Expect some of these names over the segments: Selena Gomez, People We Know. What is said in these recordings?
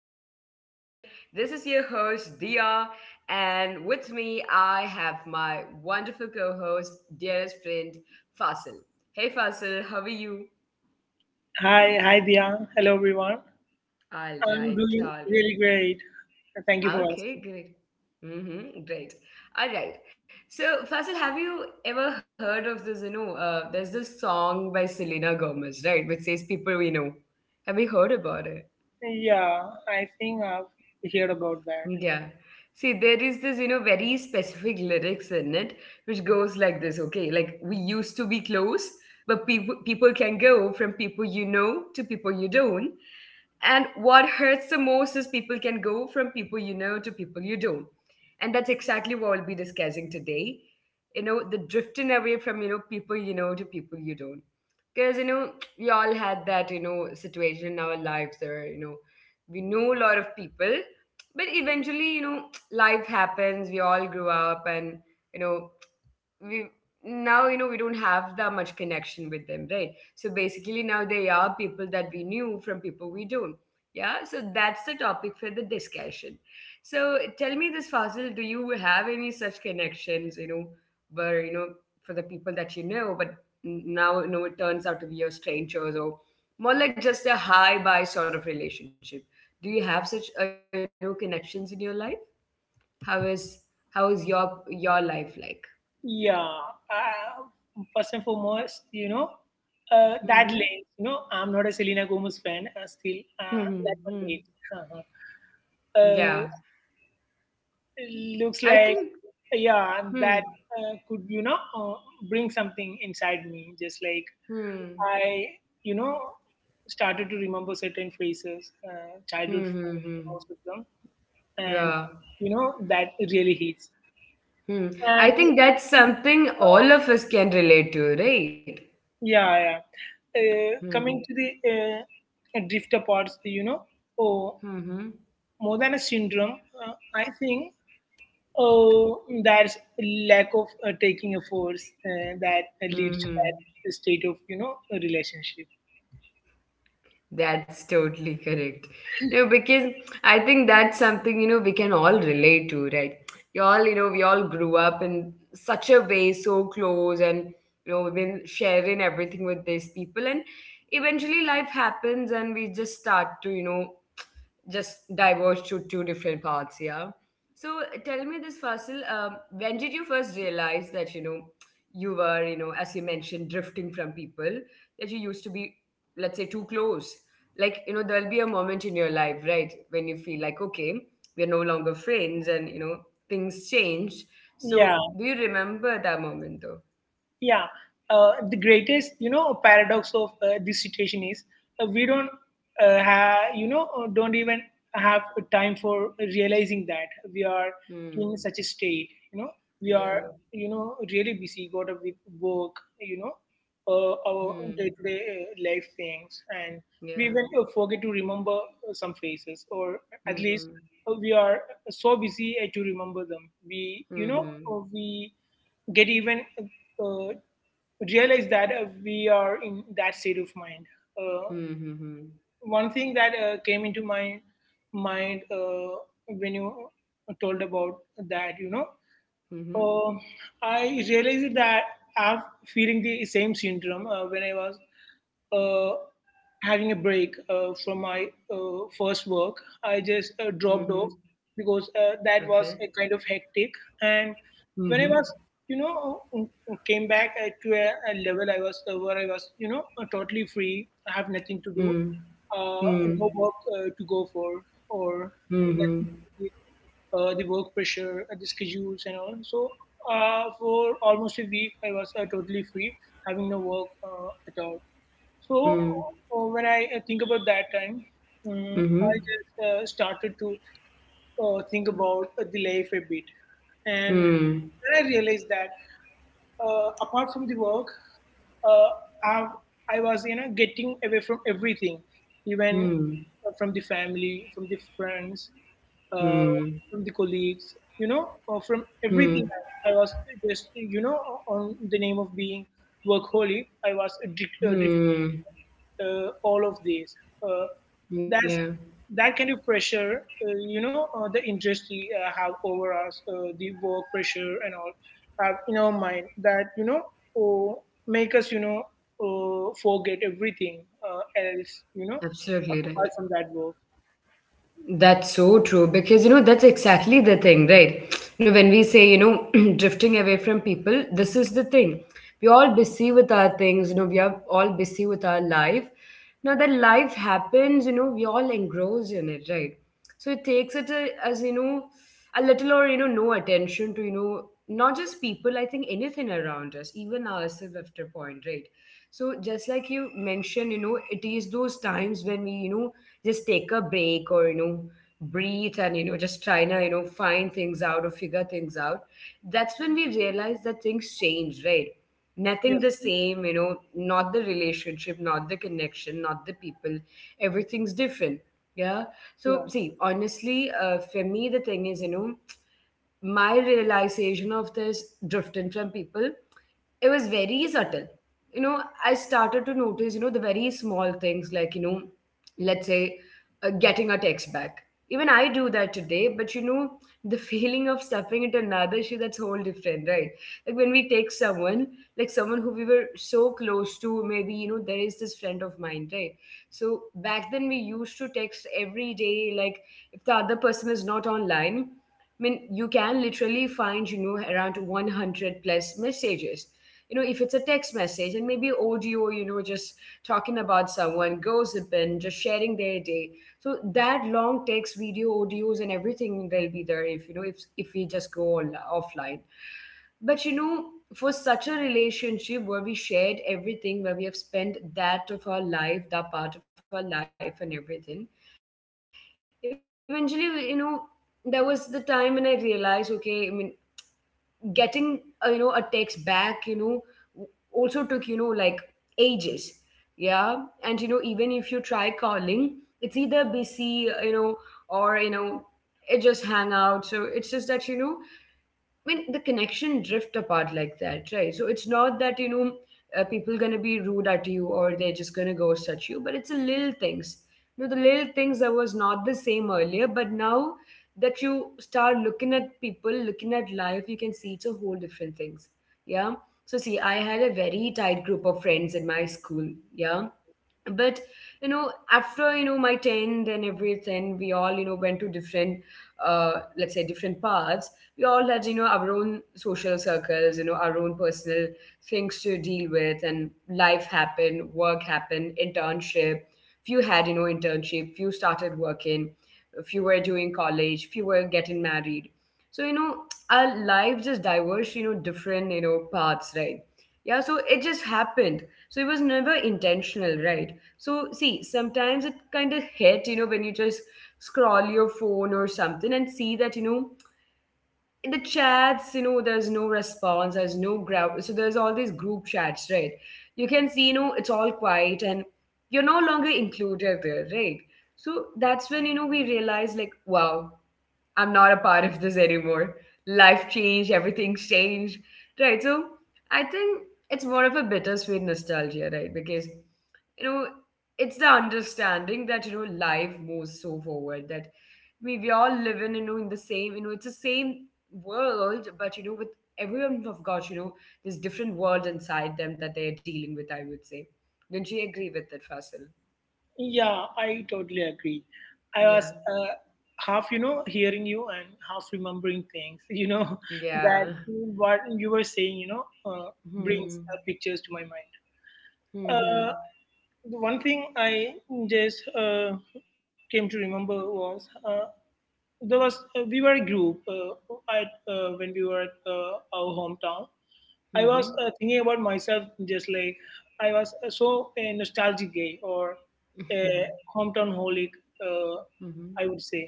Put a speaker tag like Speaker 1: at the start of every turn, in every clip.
Speaker 1: Podcast. And this is your host, Dia. And with me, I have my wonderful co host, dearest friend, Fasil. Hey Fasil, how are you?
Speaker 2: Hi, hi Dia. Hello everyone.
Speaker 1: All
Speaker 2: I'm
Speaker 1: right,
Speaker 2: doing
Speaker 1: all right.
Speaker 2: really great. Thank you for
Speaker 1: Okay,
Speaker 2: asking.
Speaker 1: great. Mm-hmm, great. All right. So, Fasil, have you ever heard of this? There's this song by Selena Gomez, right? Which says People We Know. Have you heard about it?
Speaker 2: Yeah, I think I've heard about that.
Speaker 1: Yeah. See, there is this, very specific lyrics in it, which goes like this, okay? Like, we used to be close, but people can go from people you know to people you don't. And what hurts the most is people can go from people you know to people you don't. And that's exactly what we'll be discussing today. The drifting away from, people you know to people you don't. Because we all had that, situation in our lives where, we know a lot of people, but eventually, life happens, we all grew up, and you know we now, we don't have that much connection with them, right? So basically now they are people that we knew, from people we don't. Yeah, so that's the topic for the discussion. So tell me this, Fazil, do you have any such connections, where, for the people that you know, but now, it turns out to be your strangers, or more like just a high by sort of relationship? Do you have such connections in your life? how is how is your life like?
Speaker 2: Yeah, first and foremost,
Speaker 1: Mm-hmm.
Speaker 2: that lane, I'm not a Selena Gomez fan still. That
Speaker 1: Mm-hmm.
Speaker 2: one hate. Uh-huh.
Speaker 1: Yeah,
Speaker 2: Looks
Speaker 1: I
Speaker 2: like,
Speaker 1: think.
Speaker 2: yeah,
Speaker 1: Hmm.
Speaker 2: that could, bring something inside me, just like
Speaker 1: Hmm.
Speaker 2: I, you know, started to remember certain phrases, childhood
Speaker 1: Hmm. Hmm.
Speaker 2: friends,
Speaker 1: Hmm.
Speaker 2: most of them, and
Speaker 1: Yeah.
Speaker 2: that really hits.
Speaker 1: Hmm. I
Speaker 2: And
Speaker 1: think that's something all of us can relate to, right?
Speaker 2: yeah, yeah.
Speaker 1: Hmm.
Speaker 2: Coming to the drift parts, oh,
Speaker 1: Hmm. Hmm.
Speaker 2: more than a syndrome, I think oh, that's lack of taking a force that leads to
Speaker 1: Hmm. Hmm.
Speaker 2: that state of a relationship.
Speaker 1: That's totally correct. Because I think that's something, we can all relate to, right? You all, you know, We all grew up in such a way, so close, and, we've been sharing everything with these people. And eventually life happens and we just start to, just diverge to two different paths, yeah? So tell me this, Fasil. When did you first realize that, you were, as you mentioned, drifting from people that you used to be, let's say, too close? Like, there'll be a moment in your life, right, when you feel like, okay, we're no longer friends, and, things change.
Speaker 2: Yeah,
Speaker 1: So do you remember that moment though?
Speaker 2: Yeah, uh, the greatest, paradox of this situation is we don't have, you know, don't even have time for realizing that we are in
Speaker 1: Hmm.
Speaker 2: such a state. We are,
Speaker 1: Yeah.
Speaker 2: really busy, got up with work, you know, our
Speaker 1: Hmm.
Speaker 2: day-to-day life things, and we
Speaker 1: Yeah.
Speaker 2: even forget to remember some faces, or at least
Speaker 1: Mm-hmm.
Speaker 2: we are so busy to remember them. We, you know,
Speaker 1: Mm-hmm.
Speaker 2: we get even uh, realize that we are in that state of mind. Uh,
Speaker 1: Mm-hmm.
Speaker 2: One thing that came into my mind when you told about that,
Speaker 1: Mm-hmm.
Speaker 2: uh, I realized that I'm feeling the same syndrome when I was uh, having a break from my first work. I just
Speaker 1: Mm-hmm.
Speaker 2: dropped off because that
Speaker 1: Okay.
Speaker 2: was a kind of hectic. And when I
Speaker 1: Mm-hmm.
Speaker 2: was, came back to a level I was where I was, totally free. I have nothing to do,
Speaker 1: Mm.
Speaker 2: uh,
Speaker 1: Mm.
Speaker 2: no work to go for, or
Speaker 1: Mm-hmm.
Speaker 2: nothing to do with the work pressure, the schedules, and all. So for almost a week, I was totally free, having no work at all. So
Speaker 1: Hmm.
Speaker 2: when I think about that time, I
Speaker 1: Hmm.
Speaker 2: just started to think about the life a bit, and
Speaker 1: Hmm.
Speaker 2: then I realized that apart from the work, uh, I, I was getting away from everything, even
Speaker 1: Hmm. Hmm.
Speaker 2: from the family, from the friends, uh,
Speaker 1: Hmm.
Speaker 2: from the colleagues, from
Speaker 1: Hmm.
Speaker 2: everything.
Speaker 1: Hmm.
Speaker 2: else. I was just on the name of being workaholic, I was drifting
Speaker 1: Hmm.
Speaker 2: all of these. Uh,
Speaker 1: Yeah.
Speaker 2: that's that kind of pressure the industry have over us, the work pressure and all, have in our mind that oh, make us forget everything else,
Speaker 1: Absolutely right.
Speaker 2: apart from that work.
Speaker 1: That's so true, because that's exactly the thing, right? When we say, drifting away from people, this is the thing. We're all busy with our things. We are all busy with our life. Now that life happens, we all engrossed in it, right? So it takes it, as a little, or no attention to, not just people. I think anything around us, even ourselves, after point, right? So just like you mentioned, it is those times when we, just take a break, or breathe, and just trying to, find things out, or figure things out. That's when we realize that things change, right?
Speaker 2: Yes,
Speaker 1: Nothing the same. Not the relationship, not the connection, not the people, everything's different. Yeah.
Speaker 2: yeah,
Speaker 1: So see, honestly, for me the thing is, my realization of this drifting from people, it was very subtle. I started to notice, the very small things, like, let's say, getting a text back. Even I do that today, but the feeling of stepping into another shoe, that's whole different, right? Like when we text someone, like someone who we were so close to. Maybe, there is this friend of mine, right? So back then, we used to text every day. Like, if the other person is not online, I mean, you can literally find, around 100 plus messages. If it's a text message and maybe audio, just talking about someone, gossiping, just sharing their day. So that long text, video, audios, and everything will be there if, if we just go on, offline. But, for such a relationship where we shared everything, where we have spent that of our life, that part of our life, and everything, eventually, there was the time when I realized, okay, I mean, getting a text back, also took, like, ages. Yeah. And, even if you try calling, it's either busy, or, it just hang out. So it's, I mean, the connection drift apart like that, right? So it's not that, people gonna be rude at you, or they're just gonna ghost at you, but it's the little things. The little things that was not the same earlier, but now that you start looking at people, looking at life, you can see it's a whole different things. Yeah. So see, I very tight group of friends in my school. Yeah, but after my 10th and everything, we all, went to different, uh let's say, different paths. We all had, our own social circles, our own personal things to deal with. And life happened, work happened, internship. Few had, internship, few started working, few were doing college, few were getting married. So, our life just diverged, different, paths, right? Yeah, so it just happened. So it was never intentional, right? So see, sometimes it kind of hit, when you just scroll your phone or something and see that, in the chats, there's no response, there's no ground. So there's all these group chats, right? You can see, it's all quiet, and you're no longer included there, right? So that's when, we realize like, wow, I'm not a part of this anymore. Life changed, everything's changed. Right. So I think it's more of a bittersweet nostalgia, right? Because, you know, it's the understanding that, life moves so forward that we all live in, in the same, it's the same world, but, with everyone have got, this different world inside them that they're dealing with, I would say. Don't you agree with that, Fasil?
Speaker 2: yeah, I totally agree. I was
Speaker 1: Yeah.
Speaker 2: uh, half hearing you and half remembering things, that
Speaker 1: Yeah.
Speaker 2: what you were saying, uh, brings
Speaker 1: Hmm.
Speaker 2: pictures to my mind. Uh,
Speaker 1: Hmm.
Speaker 2: The one thing I just came to remember was, there was we were a group at when we were at our hometown. I was
Speaker 1: Hmm.
Speaker 2: thinking about myself just like I was so a nostalgic guy, or a
Speaker 1: Hmm.
Speaker 2: hometown holic, uh,
Speaker 1: Mhm.
Speaker 2: I would say.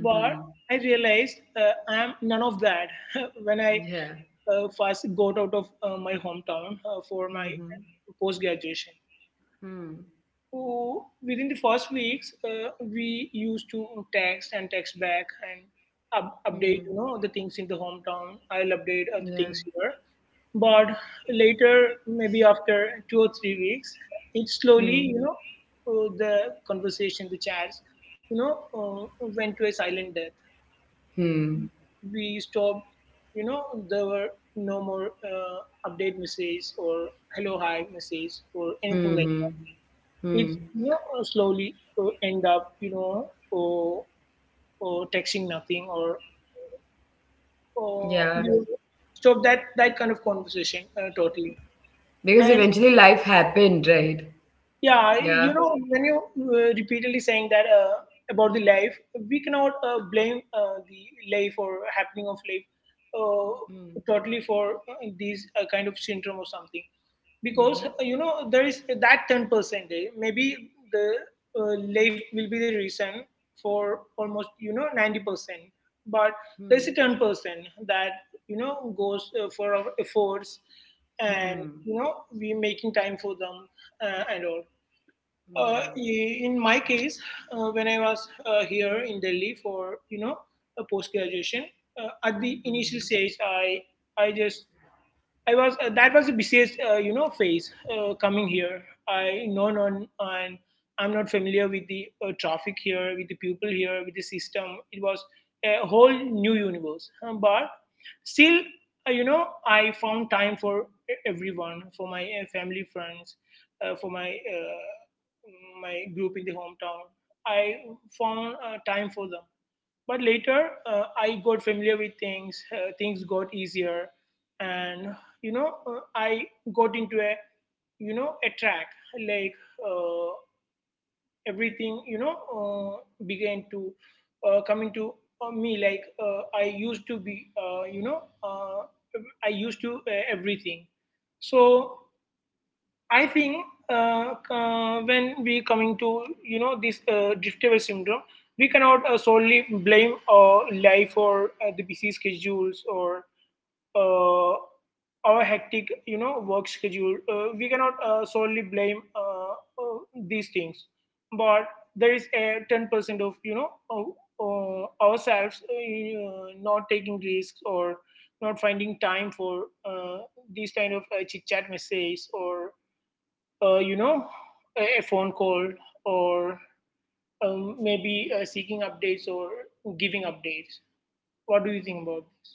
Speaker 2: But I realized I'm none of that when I
Speaker 1: Yeah.
Speaker 2: first got out of my hometown for my
Speaker 1: Mhm.
Speaker 2: post graduation.
Speaker 1: Hmm.
Speaker 2: Oh, within the first weeks, we used to text and text back and
Speaker 1: Hmm.
Speaker 2: update, the things in the hometown. I'll update other
Speaker 1: Yeah.
Speaker 2: things here. But later, maybe after 2 or 3 weeks, it slowly,
Speaker 1: Hmm.
Speaker 2: the conversation, the chats, went to a silent death.
Speaker 1: Hmm.
Speaker 2: We stopped, you know, there were no more update messages or hello, hi messages or anything like
Speaker 1: Mhm.
Speaker 2: it's
Speaker 1: Hmm.
Speaker 2: you know slowly end up, or texting nothing, or
Speaker 1: Yeah.
Speaker 2: you stop that kind of conversation totally.
Speaker 1: Because
Speaker 2: And
Speaker 1: eventually life happened, right?
Speaker 2: yeah,
Speaker 1: Yeah.
Speaker 2: when you repeatedly saying that about the life, we cannot blame the life or happening of life uh,
Speaker 1: Hmm.
Speaker 2: totally for these kind of syndrome or something, because
Speaker 1: Mhm.
Speaker 2: there is that 10%, maybe the life will be the reason for almost, 90%, but
Speaker 1: Hmm.
Speaker 2: there's a 10% that goes for our efforts and
Speaker 1: Hmm.
Speaker 2: you know we making time for them, and all. uh,
Speaker 1: Yeah.
Speaker 2: i- in my case, when I was here in Delhi for, a post graduation, at the
Speaker 1: Mhm.
Speaker 2: initial stage, I just I was that was a besieged, phase coming here. I known on, and I'm not familiar with the traffic here, with the people here, with the system. It was a whole new universe. But still, I found time for everyone, for my family, friends, for my group in the hometown. I found time for them. But later, I got familiar with things. Things got easier, and I got into a a track, like uh, everything began to come into me. Like I used to be, uh, I used to everything. So I think uh, when we coming to this drift away syndrome, we cannot solely blame our life, or the busy schedules, or uh, our hectic work schedule. We cannot solely blame these things, but there is a 10% of ourselves not taking risks, or not finding time for these kind of chit chat messages, or uh, you know, a phone call, or maybe seeking updates or giving updates. What do you think about this?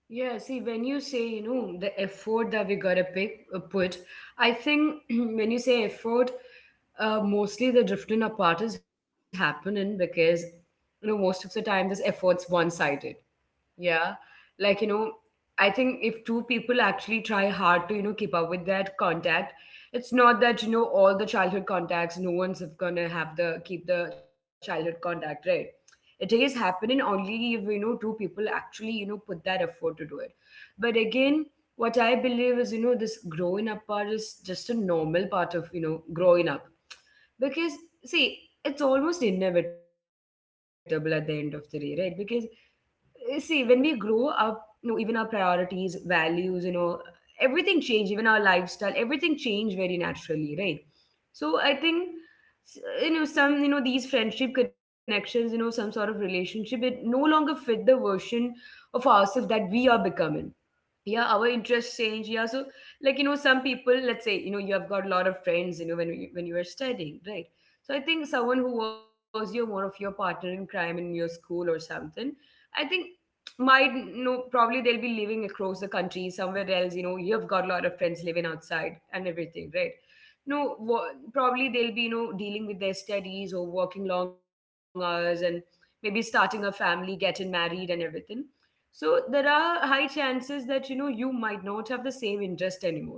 Speaker 1: Yeah, see, when you say, the effort that we gotta pick, put, I think when you say effort, mostly the drifting apart is happening because, most of the time this effort's one-sided. Yeah. Like, I think if two people actually try hard to, keep up with that contact, it's not that, all the childhood contacts, no one's gonna have the keep the childhood contact, right? It is happening only if, two people actually, put that effort to do it. But again, what I believe is, this growing up part is just a normal part of, growing up, because see, it's almost inevitable at the end of the day, right? Because you see, when we grow up, even our priorities, values, everything change, even our lifestyle, everything change very naturally, right? So I think, some, these friendship connections, some sort of relationship, it no longer fit the version of ourselves that we are becoming. Yeah, our interests change. Yeah. So, like, some people, let's say, you have got a lot of friends, when you were studying, right? So I think someone who was your more of your partner in crime in your school or something, I think, might know, probably they'll be living across the country somewhere else. You've got a lot of friends living outside and everything, right? no wha- Probably they'll be, dealing with their studies, or working long hours, and maybe starting a family, getting married, and everything. So there are high chances that, you might not have the same interest anymore.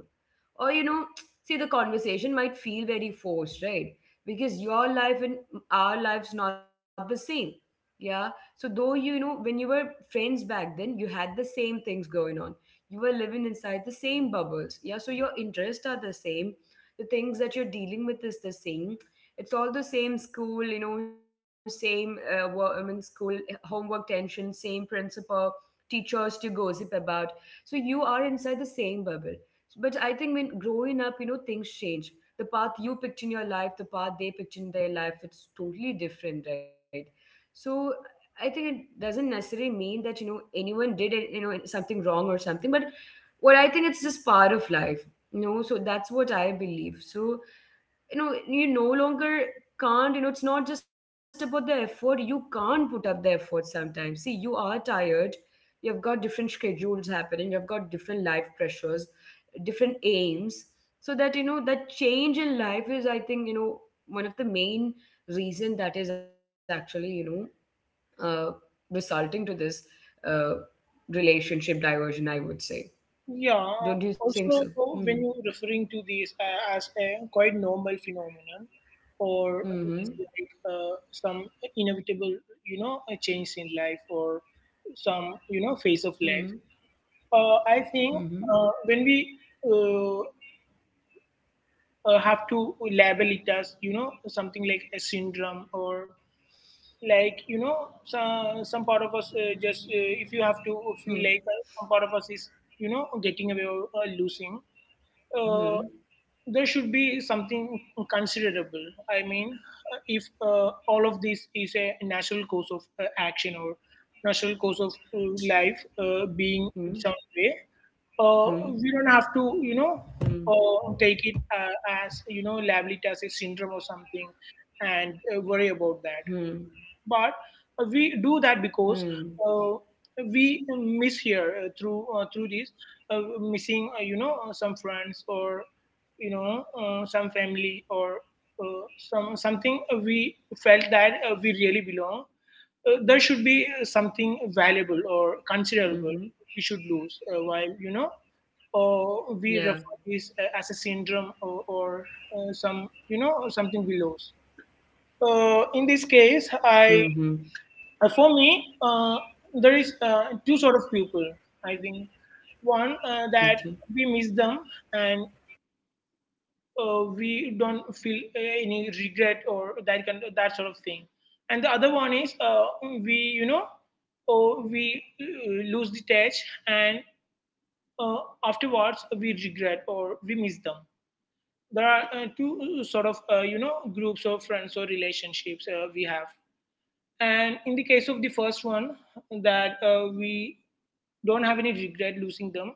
Speaker 1: Or, see, the conversation might feel very forced, right? Because your life and our life's not the same. Yeah. So, though, you know, when you were friends back then, you had the same things going on. You were living inside the same bubbles. Yeah. So, your interests are the same. The things that you're dealing with is the same. It's all the same school, you know, same, school homework tension, same principal, teachers to gossip about. So you are inside the same bubble. But I think when growing up, you know, things change. The path you picked in your life, the path they picked in their life, it's totally different, right? So I think it doesn't necessarily mean that, you know, anyone did it, you know, something wrong or something, but what I think it's just part of life, you know, so that's what I believe. So you know you no longer can't you know it's not just about the effort. You can't put up the effort sometimes. See, you are tired, you've got different schedules happening, you've got different life pressures, different aims. So that, you know, that change in life is, I think, you know, one of the main reason that is actually, you know, uh, resulting to this uh, relationship diversion, I would say.
Speaker 2: Yeah.
Speaker 1: Don't you think so?
Speaker 2: Also,
Speaker 1: Hmm.
Speaker 2: when you're referring to this as a quite normal phenomenon, or it's
Speaker 1: hmm
Speaker 2: like some inevitable, a change in life, or some,
Speaker 1: hmm
Speaker 2: phase of life.
Speaker 1: hmm
Speaker 2: I
Speaker 1: hmm
Speaker 2: think when we uh, have to label it as, something like a syndrome, or like some part of us just if you have to feel
Speaker 1: hmm
Speaker 2: like some part of us is getting away, or losing uh,
Speaker 1: Hmm.
Speaker 2: there should be something considerable. I mean, if all of this is a natural course of action, or natural course of
Speaker 1: Hmm.
Speaker 2: life being its own
Speaker 1: Hmm.
Speaker 2: way, uh, we
Speaker 1: Hmm.
Speaker 2: don't have to take it, as label it as a syndrome or something, and
Speaker 1: Hmm.
Speaker 2: worry about that. But we
Speaker 1: Hmm.
Speaker 2: do that because, uh, we miss here through through this missing, some friends, or some family, or some something we felt that we really belong, there should be
Speaker 1: Mhm.
Speaker 2: something valuable or considerable we should lose
Speaker 1: Yeah.
Speaker 2: while you know or we refer this as a syndrome, or some something we lose in
Speaker 1: Mm-hmm.
Speaker 2: this case. I, for me, there is two sort of people. I think
Speaker 1: Okay.
Speaker 2: one, that we miss them, and we don't feel any regret or that sort of thing, and the other one is, we you know or we lose the touch, and uh, afterwards we regret, or we miss them. There are two sort of groups of friends or relationships we have, and in the case of the first one, that we don't have any regret losing them.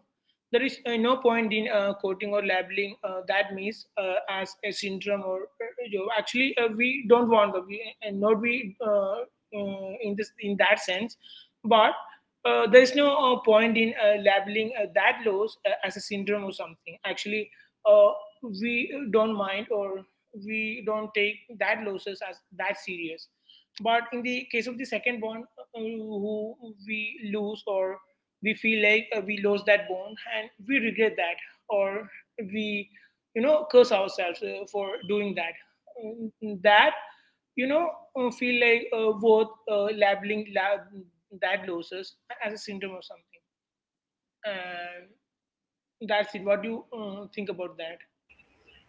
Speaker 2: There is no point in quoting or labeling that miss as a syndrome, or, actually we don't want them. We, and not we, in this in that sense, but there is no point in labeling that loss as a syndrome or something. Actually, uh, we don't mind, or we don't take that losses as that serious. But in the case of the second one, who we lose, or we feel like we lost that bond and we regret that, or we curse ourselves for doing that. Mm, that, you know feel like both labeling that losses as a symptom or something. And that's it. What do you think about that?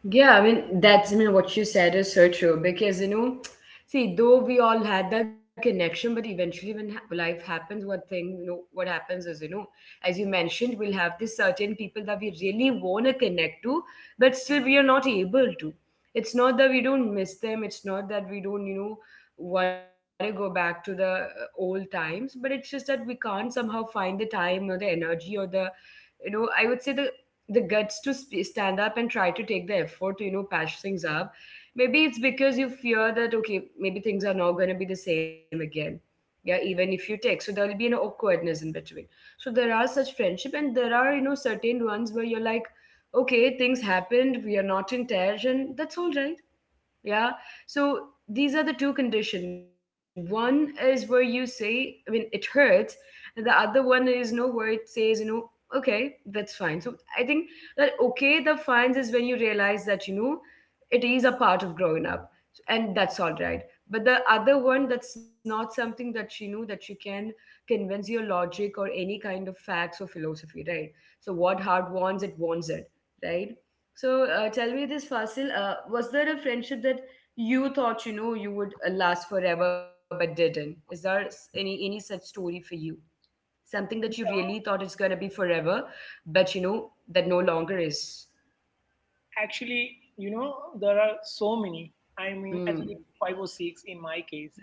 Speaker 1: Yeah, what you said is so true because, you know, see, though we all had that connection, but eventually when life happens, one thing, you know, what happens is, you know, as you mentioned, we'll have these certain people that we really want to connect to, but still we are not able to. It's not that we don't miss them, it's not that we don't, you know, want to go back to the old times, but it's just that we can't somehow find the time or the energy or the, you know, I would say the guts to stand up and try to take the effort to, you know, patch things up. Maybe it's because you fear that okay, maybe things are not going to be the same again. Yeah, even if you take, so there will be an awkwardness in between. So there are such friendship, and there are, you know, certain ones where you're like, okay, things happened, we are not in touch, and that's all right. Yeah. So these are the two conditions. One is where you say, I mean, it hurts, and the other one is no, where it says, you know, okay, that's fine. So I think that okay, the fines is when you realize that, you know, it is a part of growing up, and that's all right. But the other one, that's not something that you know that you can convince your logic or any kind of facts or philosophy, right? So what heart wants it, right? So tell me this, Fasil. Was there a friendship that you thought you know you would last forever but didn't? Is there any such story for you? Something that you really thought is gonna be forever, but you know that no longer is.
Speaker 2: Actually, there are so many, I mean, at
Speaker 1: Hmm.
Speaker 2: least five or six in my case.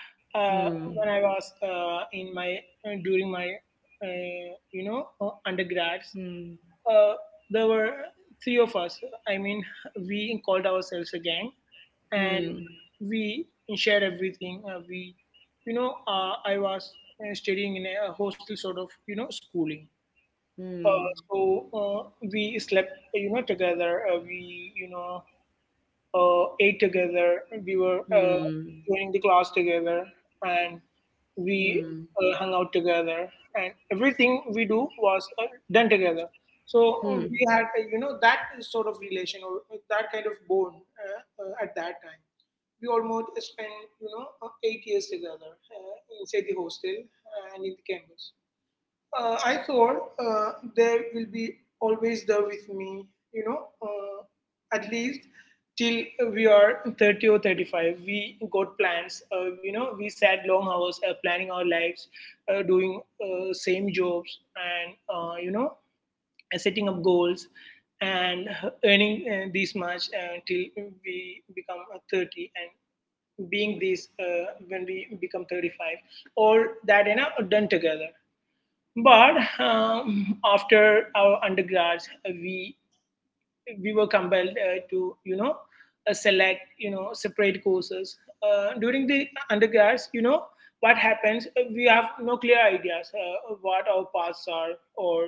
Speaker 1: Hmm.
Speaker 2: When I was in my during my you know undergrads,
Speaker 1: Hmm.
Speaker 2: uh, there were three of us. I mean, we called ourselves a gang, and
Speaker 1: Hmm.
Speaker 2: we shared everything. I was studying in a hostel sort of, schooling.
Speaker 1: Hmm.
Speaker 2: We slept, together. Ate together. We were
Speaker 1: Hmm.
Speaker 2: joining the class together, and
Speaker 1: Hmm.
Speaker 2: we hung out together, and everything we do was done together. So
Speaker 1: Hmm. Hmm.
Speaker 2: we had that sort of relation or that kind of bond at that time. We almost spent 8 years together inside the hostel and in the campus. I thought they will be always there with me, at least till we are 30 or 35. We got plans, we sat long hours planning our lives, doing same jobs, setting up goals and earning this much till we become 30, and being this when we become 35, all that you know done together. But after our undergrads, we were compelled to select separate courses during the undergrads. You know what happens? We have no clear ideas of what our paths are or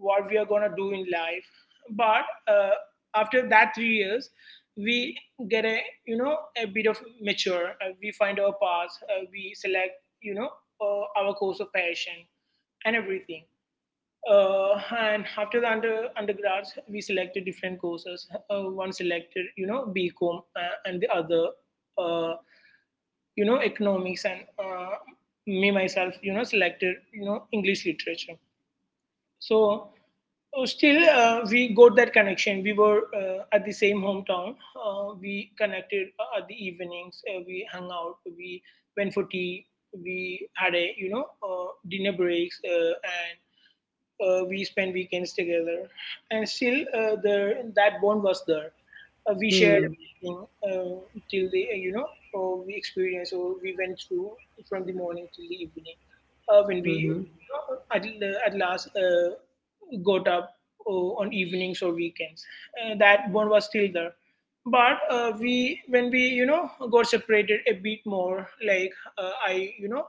Speaker 2: what we are gonna do in life. But uh, after that 3 years, we get a you know a bit of mature. We find our paths. We select you know our course of passion and everything, uh, and after the undergrads, we selected different courses. One selected, BCom, and the other, uh, economics. And me myself, selected, English literature. So still, we got that connection. We were at the same hometown. We connected at the evenings. We hung out. We went for tea. We had a, dinner breaks. And We spent weekends together, and still the that bond was there. We shared everything till the you know we experienced, or we went through, from the morning till the evening. When we
Speaker 1: Hmm.
Speaker 2: at last got up on evenings or weekends, that bond was still there. But we when we you know got separated a bit more, like I you know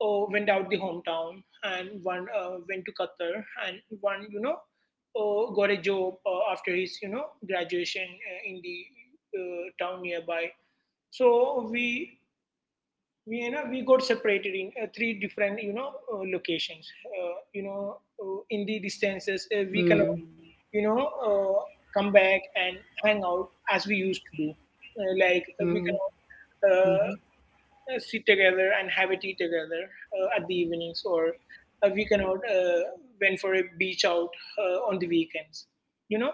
Speaker 2: uh, went out the hometown, and one went to Qatar, and one got a job after his graduation in the town nearby. So we you know we got separated in three different locations. In the distances, we cannot
Speaker 1: Hmm.
Speaker 2: you know uh, come back and hang out as we used to do. Like we cannot
Speaker 1: Hmm.
Speaker 2: uh,
Speaker 1: Hmm.
Speaker 2: sit together and have a tea together at the evenings, or we can out went for a beach out on the weekends. You know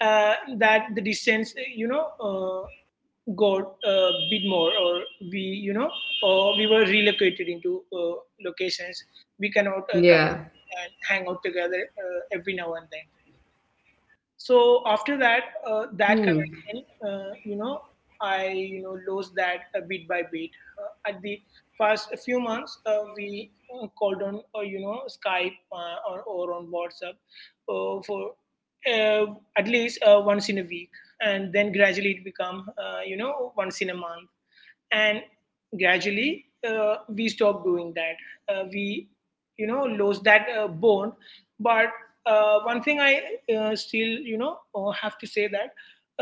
Speaker 2: that the distance, got a bit more, or we, or we were relocated
Speaker 1: Yeah.
Speaker 2: into locations we cannot come and hang out together every now and then. So after that that
Speaker 1: Hmm.
Speaker 2: connection uh, you know I lost that bit by bit. At the first few months, we called on Skype or on WhatsApp for uh, at least once in a week, and then gradually it become once in a month, and gradually we stopped doing that. We lost that bond. But one thing I still have to say that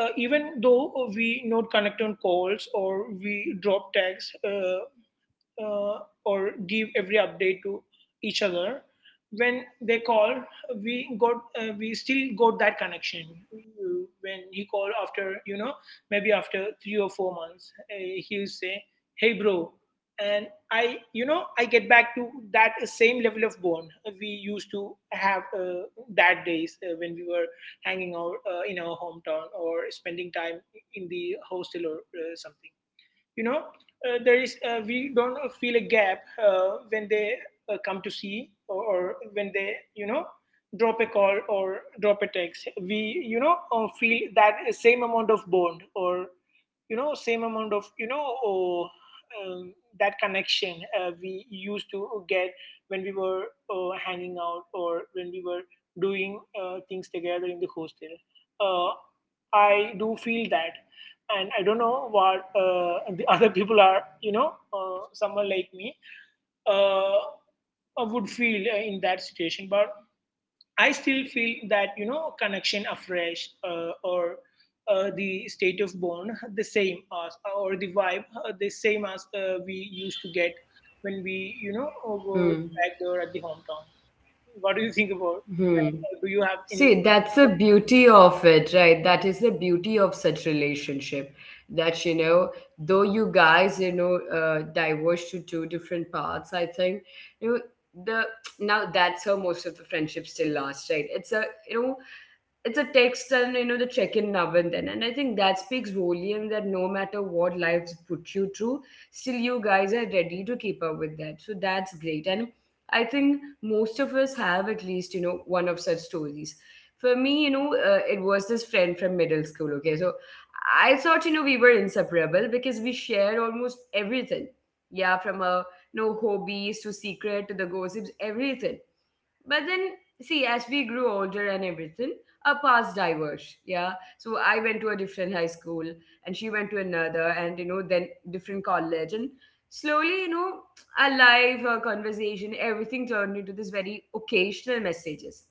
Speaker 2: even though we not connect on calls, or we drop texts, uh, or give every update to each other, when they call we got we still got that connection. When he called after maybe after 3 or 4 months, he'll say, "Hey, bro," and I you know I get back to that same level of bond we used to have that days when we were hanging out in our hometown, or spending time in the hostel or something. You know there is We don't feel a gap when they come to see, or when they drop a call or drop a text, we feel that same amount of bond, or same amount of um, that connection we used to get when we were hanging out, or when we were doing things together in the hostel. uh, I do feel that. And I don't know what the other people are, someone like me uh, would feel in that situation. But I still feel that, connection afresh, or the state of bond the same as, or the vibe the same as we used to get when we,
Speaker 1: Hmm.
Speaker 2: were back there at the hometown. What do you think about?
Speaker 1: Hmm.
Speaker 2: Do you have any?
Speaker 1: See, that's the beauty of it, right? That is the beauty of such relationship. That, you know, though you guys, you know, diverge to two different paths. I think, you know, the now that's how most of the friendships still last, right? It's a, you know, it's a text and, you know, the check-in now and then, and I think that speaks volume that no matter what lives put you through, still you guys are ready to keep up with that, so that's great. And I think most of us have at least, you know, one of such stories. For me, you know, it was this friend from middle school, okay? So I thought, you know, we were inseparable because we shared almost everything. Yeah, from a no hobbies to secret to the gossips, everything. But then, see, as we grew older and everything, our paths diverged. Yeah. So I went to a different high school and she went to another and, you know, then different college. And slowly, you know, our life, our conversation, everything turned into this very occasional messages.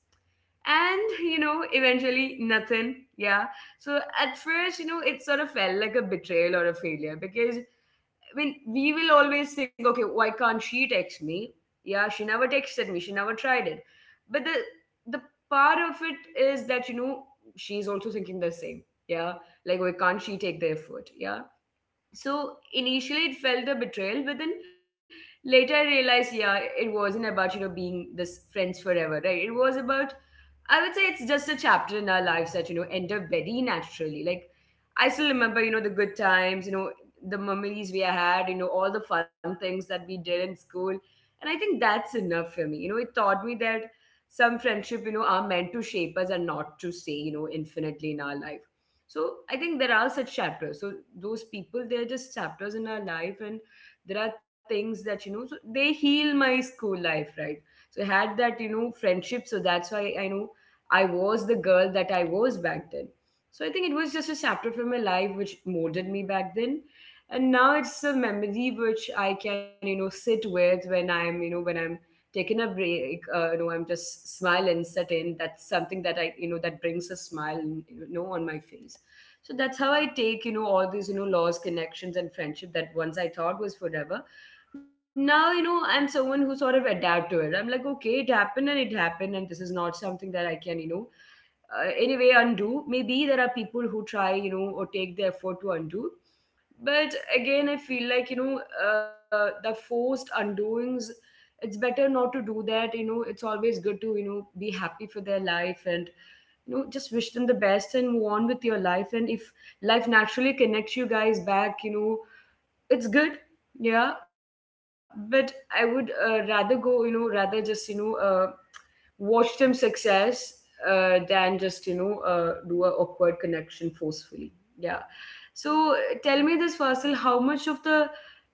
Speaker 1: And, you know, eventually nothing. Yeah. So at first, you know, it sort of felt like a betrayal or a failure because, I mean, we will always think, okay, why can't she text me? Yeah, she never texted me. She never tried it. But the the part of it is that, you know, she's also thinking the same. Yeah, like why can't she take the effort? Yeah, so initially it felt a betrayal, but then later I realized, yeah, it wasn't about, you know, being this friends forever, right? It was about, I would say, it's just a chapter in our lives that, you know, enter very naturally. Like, I still remember, you know, the good times, you know, the memories we had, you know, all the fun things that we did in school, and I think that's enough for me. You know, it taught me that some friendship, you know, are meant to shape us and not to stay, you know, infinitely in our life. So I think there are such chapters. So those people, they're just chapters in our life, and there are things that you know. So they heal my school life, right? So I had that, you know, friendship. So that's why I know I was the that I was back then. So I think it was just a chapter from my life which molded me back then, and now it's a memory which I can, you know, sit with when I'm, you know, when I'm taken a break. You know, I'm just smile certain that's something that I, you know, that brings a smile, you know, on my face. So that's how I take, you know, all these, you know, lost connections and friendship that once I thought was forever. Now, you know, I'm someone who sort of adapt to it. I'm like, okay, it happened and it happened, and this is not something, you know, anyway undo. Maybe there are people who try, you know, or take the effort to undo, but again, I feel like, you know, the forced undoings, it's better not to do that. You know, it's always good to, you know, be happy for their life and, you know, just wish them the best and move on with your life. And if life naturally connects you guys back, you know, it's good. Yeah. But I would rather go, you know, rather just, you know, watch them success than just, you know, do a awkward connection forcefully. Yeah. So tell me this, Fasil, how much of the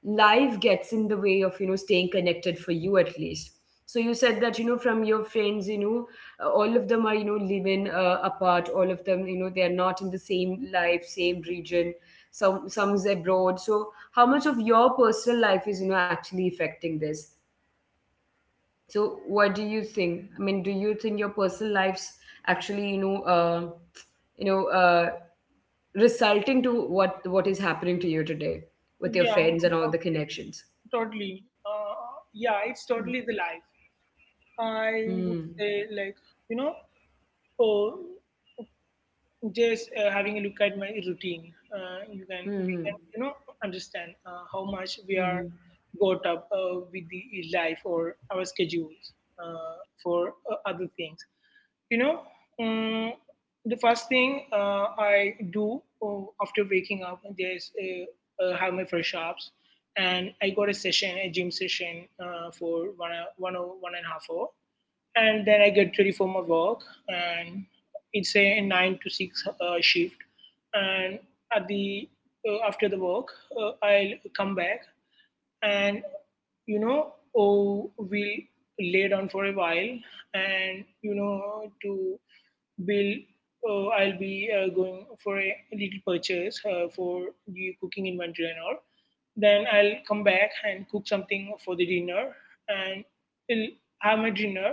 Speaker 1: life gets in the way of, you know, staying connected for you, at least? So you said that, you know, from friends, you know, all of them are, you know, living apart, all of them, you know, they are not in the same life, same region, some's abroad. So how much of your personal life is, you know, actually affecting this? So what do you think? I mean, do you think your personal lives actually, you know, you know, uh, resulting to what is happening to you today with your
Speaker 2: Yeah,
Speaker 1: friends and all the connections?
Speaker 2: totally. Yeah, it's totally the life. I would
Speaker 1: Hmm.
Speaker 2: say, like, you know, oh, just having a look at my routine, we
Speaker 1: Hmm.
Speaker 2: can,
Speaker 1: Hmm.
Speaker 2: understand how much we
Speaker 1: Hmm.
Speaker 2: are
Speaker 1: Hmm.
Speaker 2: got up with the life or our schedules for other things. You know, um, the first thing I do after waking up is have my fresh ups. And I got a session, a gym session for 1.5 hours, and then I get ready for my work, and it's a nine to six shift. And at the after the work, I'll come back, and you know, oh, we'll lay down for a while, and to build. I'll be going for a little purchase for the cooking inventory and all. Then I'll come back and cook something for the dinner, and I'll have my dinner.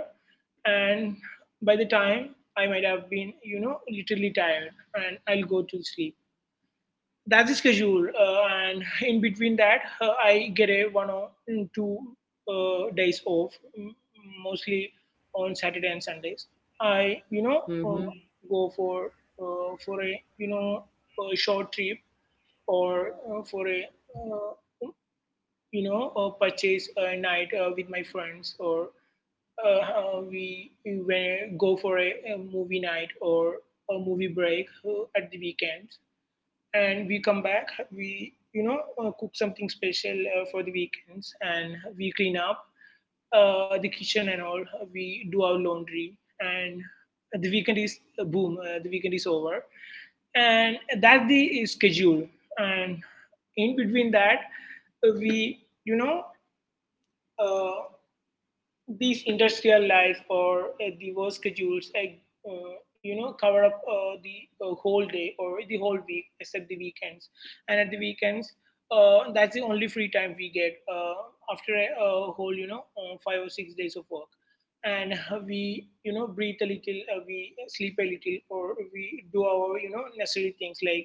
Speaker 2: And by the time I might have been, literally tired, and I'll go to sleep. That's the schedule. And in between that, I get a one or two days off, mostly on Saturday and Sundays. I,
Speaker 1: Hmm. Hmm.
Speaker 2: uh, go for a you know a short trip or for a uh, you know, purchase a night with my friends, or go for a movie night or a movie break at the weekends, and we come back. We cook something special for the weekends, and we clean up the kitchen and all. We do our laundry, and the weekend is boom. The weekend is over, and that's the schedule. And in between that, we you know. Uh, these industrial life or the work schedules, cover up the whole day or the whole week except the weekends. And at the weekends, that's the only free time we get after a whole, 5 or 6 days of work. And we,
Speaker 1: Hmm.
Speaker 2: breathe a little, we sleep a little, or we do our, necessary things like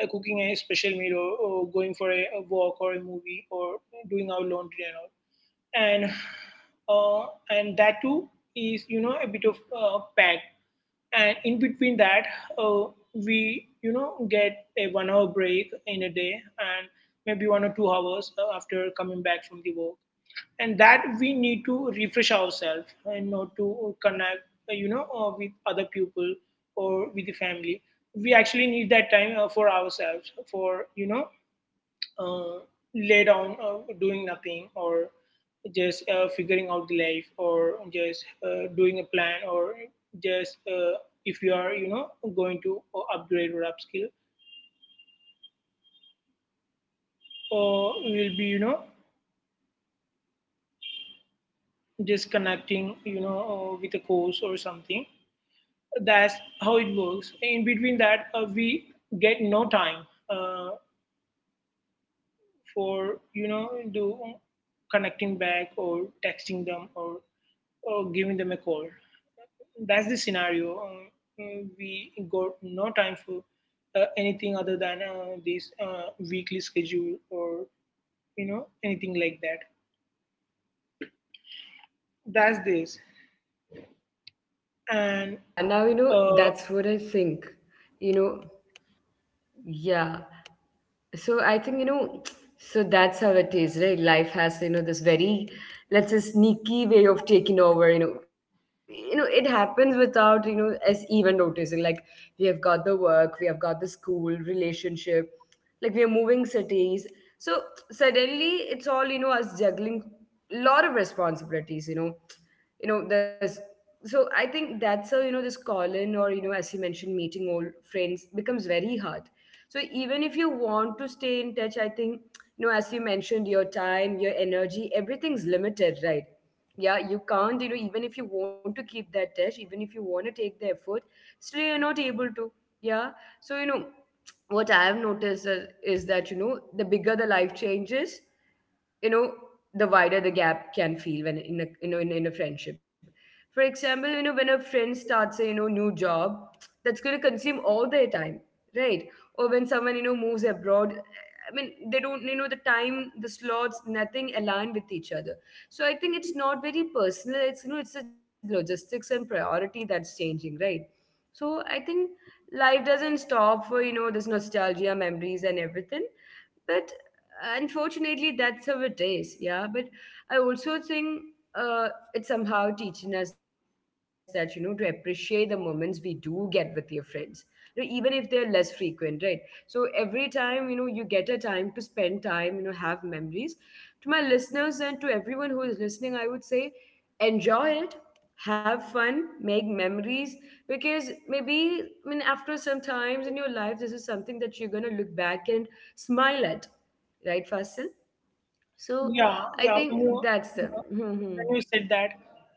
Speaker 2: cooking a special meal, or going for a walk or a movie, or doing our laundry and all. And uh, and that too is a bit of packed. And in between that uh, we get a 1 hour break in a day, and maybe 1 or 2 hours after coming back from the work, and that we need to refresh ourselves and not to connect with other people or with the family. We actually need that time for ourselves, for uh, lay down doing nothing, or just figuring out the life, or just doing a plan, or just if you are going to upgrade or upskill, or you'll be just connecting with a course or something. That's how it works. In between that we get no time uh, for you know do connecting back, or texting them, or giving them a call. That's the scenario. We got no time for anything other than this weekly schedule or anything like that. That's this,
Speaker 1: Hmm. Now, I th-
Speaker 2: and
Speaker 1: yeah, now you know
Speaker 2: uh,
Speaker 1: that's what I think. You know, yeah. So I think, you know, so that's how it is, right? Life has, you know, this very, let's say, sneaky way of taking over. You know, it happens without, you know, us even noticing. Like, we have got the work, we have got the school, relationship, like we are moving cities. So suddenly it's all, you know, us juggling a lot of responsibilities, you know. You know, there's so I think that's how, you know, this call in or, you know, as you mentioned, meeting old friends becomes very hard. So even if you want to stay in touch, I think, you know, as you mentioned, your time, your energy, everything's limited, right? Yeah, you can't, you know, even if you want to keep that touch, even if you want to take the effort, still you're not able to. Yeah. So, what I have noticed is that, the bigger the life changes, you know the wider the gap can feel when in a friendship. For example, when a friend starts a new job that's going to consume all their time, right? Or when someone moves abroad. I mean, they don't, the time, the slots, nothing aligned with each other. So I think it's not very personal, it's you know it's the logistics and priority that's changing, right? So I think life doesn't stop for, this nostalgia, memories, and everything. But unfortunately that's how it is, yeah. But I also think it's somehow teaching us that, to appreciate the moments we do get with your friends, you know, even if they're less frequent, right? So every time, you get a time to spend time, have memories. To my listeners and to everyone who is listening, I would say enjoy it, have fun, make memories. Because maybe, I mean, after some times in your life this is something that you're going to look back and smile at, right, Fasil? So
Speaker 2: yeah,
Speaker 1: I
Speaker 2: yeah.
Speaker 1: think that's the...
Speaker 2: Uh,
Speaker 1: Hmm, hmm.
Speaker 2: when you said that,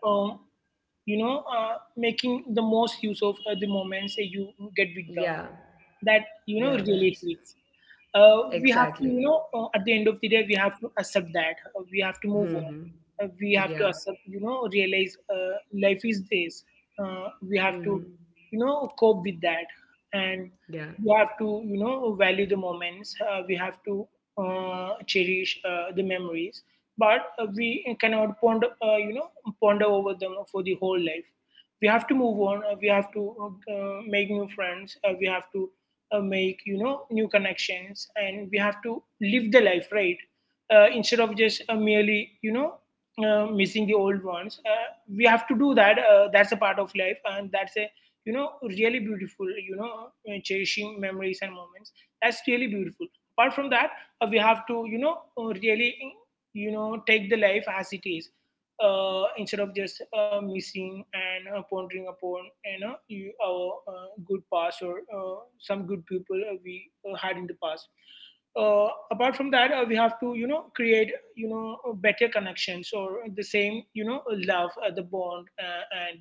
Speaker 2: um, making the most use of the moments that you get
Speaker 1: Yeah,
Speaker 2: with them, that
Speaker 1: yeah. s-
Speaker 2: really hits. We
Speaker 1: exactly.
Speaker 2: have to, at the end of the day, we have to accept that. We have to
Speaker 1: Hmm,
Speaker 2: move on.
Speaker 1: hmm.
Speaker 2: We have
Speaker 1: Yeah.
Speaker 2: to accept, realize, life is this. Uh,
Speaker 1: Hmm,
Speaker 2: we
Speaker 1: hmm.
Speaker 2: have to, cope with that. And
Speaker 1: Yeah.
Speaker 2: we have to, value the moments. We have to cherish the memories. But we cannot ponder over them for the whole life. We have to move on. We have to make new friends. We have to make new connections, and we have to live the life right, instead of just merely missing the old ones. Uh, we have to do that. That's a part of life, and that's a really beautiful, cherishing memories and moments. That's really beautiful. Apart from that, we have to really take the life as it is, instead of just missing, and pondering upon, our good past, or some good people we had in the past. Apart from that, we have to create, better connections, or the same, love, the bond, and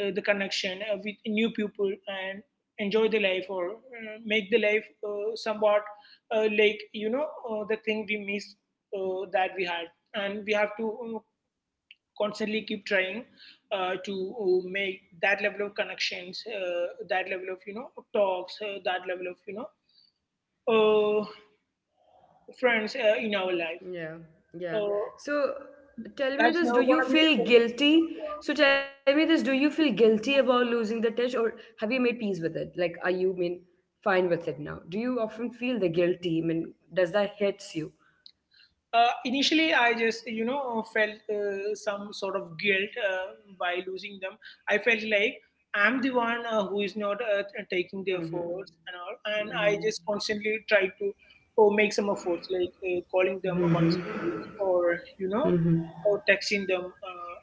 Speaker 2: the connection with new people, and enjoy the life, or make the life somewhat like, the thing we miss that we had, and we have to constantly keep trying to make that level of connections, that level of, talks, that level of, uh, friends in our life.
Speaker 1: Yeah, yeah.
Speaker 2: Uh,
Speaker 1: So tell me
Speaker 2: that's
Speaker 1: this,
Speaker 2: never
Speaker 1: do
Speaker 2: gonna
Speaker 1: you
Speaker 2: be the
Speaker 1: feel
Speaker 2: same.
Speaker 1: guilty? So tell me this, do you feel guilty about losing the touch, or have you made peace with it? Like, are you mean fine with it now? Do you often feel the guilty? I mean, does that hits you?
Speaker 2: Initially, I just felt some sort of guilt by losing them. I felt like I'm the one who is not taking their
Speaker 1: Mm-hmm.
Speaker 2: efforts and all, and I
Speaker 1: Mm-hmm.
Speaker 2: just constantly try to oh, make some efforts, like calling them once a week, or
Speaker 1: Mm-hmm.
Speaker 2: or texting them uh,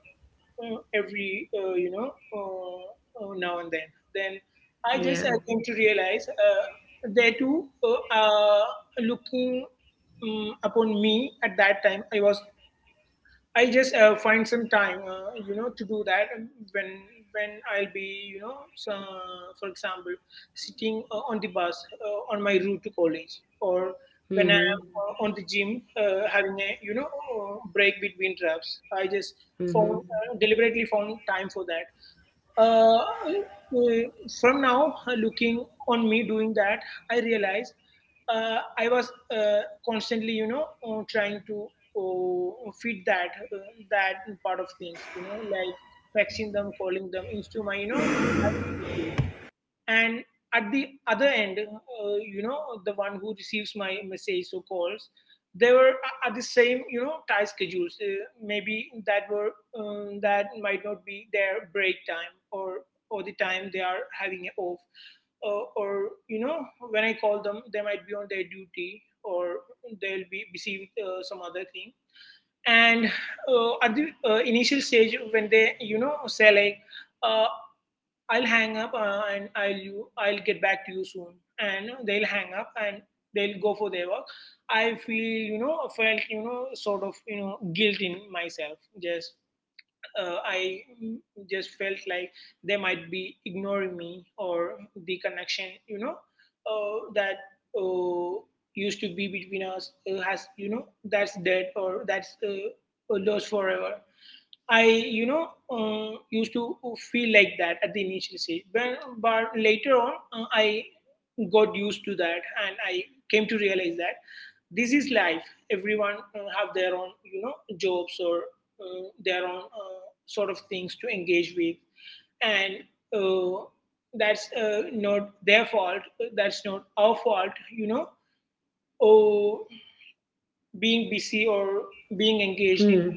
Speaker 2: uh, every now and then. Then I
Speaker 1: Yeah.
Speaker 2: just came to realize they too are looking, upon me. At that time I just find some time to do that. When when I'll be, so, for example, sitting on the bus, on my route to college. Or when
Speaker 1: Mm-hmm.
Speaker 2: I'm on the gym, having a break between reps, I just found
Speaker 1: Mm-hmm.
Speaker 2: deliberately found time for that. Uh, from now, looking on me doing that, I realized I was constantly, trying to feed that part of things, like texting them, calling them into my, and at the other end, the one who receives my messages or calls, they were at the same tight schedules, maybe that were, that might not be their break time, or the time they are having it off, or, when I call them, they might be on their duty, or they'll be busy with some other thing. And at the initial stage, when they say, like, uh, I'll hang up, and I'll get back to you soon. And they'll hang up, and they'll go for their work. I feel you know felt, sort of, guilt in myself. Just, I just felt like they might be ignoring me, or the connection, that uh, used to be between us, has, that's dead, or that's lost forever. I, used to feel like that at the initial stage, but, later on, I got used to that, and I came to realize that this is life. Everyone have their own, jobs, or their own sort of things to engage with. And uh, that's not their fault. That's not our fault, you know. Oh, being busy, or being engaged in,
Speaker 1: Hmm.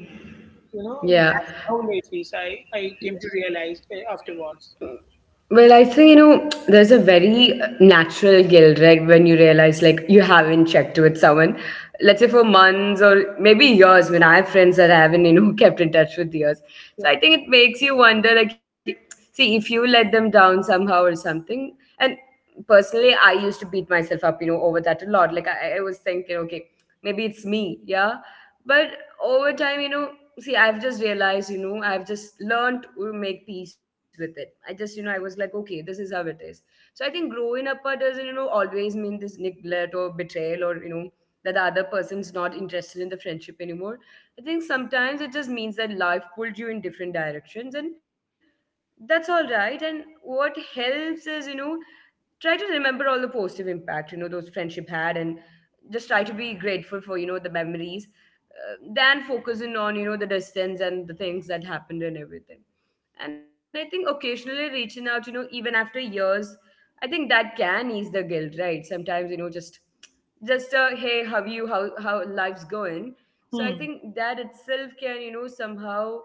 Speaker 2: you know
Speaker 1: Yeah.
Speaker 2: that's how life is. I came to realize, afterwards.
Speaker 1: Well, I think, you know, there's a very natural guilt, right? When you realize like you haven't checked with someone, let's say for months or maybe years, when I have friends that I haven't, you know, kept in touch with years. So I
Speaker 2: Yeah.
Speaker 1: think it makes you wonder, like, see, if you let them down somehow or something. And personally, I used to beat myself up, you know, over that a lot. Like I was thinking, okay, maybe it's me, yeah. But over time, you know, see, I've just realized, you know, I've just learned to make peace with it. I just, you know, I was like, okay, this is how it is. So I think growing apart doesn't, you know, always mean this neglect or betrayal or, you know, that the other person's not interested in the friendship anymore. I think sometimes it just means that life pulled you in different directions and that's all right. And what helps is, you know, try to remember all the positive impact, you know, those friendship had and just try to be grateful for, you know, the memories than focusing on, you know, the distance and the things that happened and everything. And I think occasionally reaching out, you know, even after years, I think that can ease the guilt, right? Sometimes, you know, just a hey, how you how life's going. So I
Speaker 2: Hmm.
Speaker 1: think that itself can, you know, somehow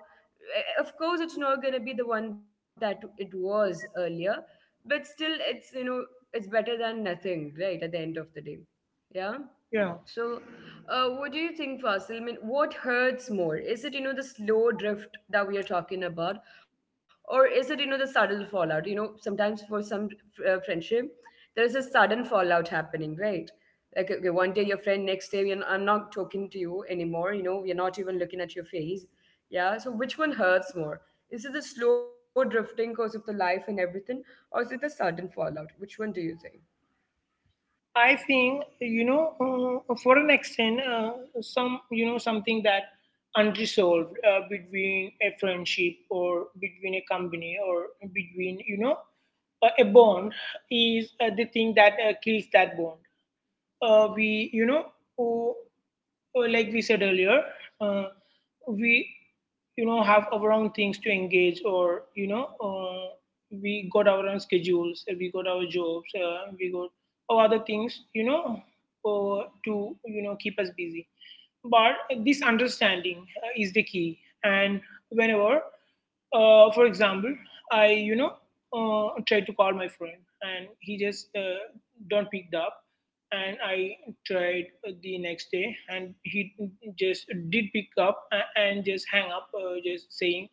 Speaker 1: of course it's not gonna be the one that it was earlier, but still it's better than nothing, right, at the end of the day. Yeah.
Speaker 2: Yeah.
Speaker 1: So, what do you think, Fasil? I mean, what hurts more? Is it, you know, the slow drift that we are talking about, or is it, you know, the sudden fallout? You know, sometimes for some friendship, there is a sudden happening, right? Like, okay, one day your friend, next day, I'm not talking to you anymore. You know, you're not even looking at your face. Yeah. So, which one hurts more? Is it the slow drifting because of the life and everything, or is it the sudden fallout? Which one do you think?
Speaker 2: I think, for an extent, something that unresolved between a friendship, or between a company, or between, a bond, is the thing that kills that bond. We, uh, like we said earlier, uh, we, have our own things to engage, or, we got our own schedules, we got our jobs, we got our other things, to, keep us busy. But this understanding is the key. And whenever, for example, I, tried to call my friend, and he just don't picked up. And I tried the next day, and he just did pick up and just hang up, just saying,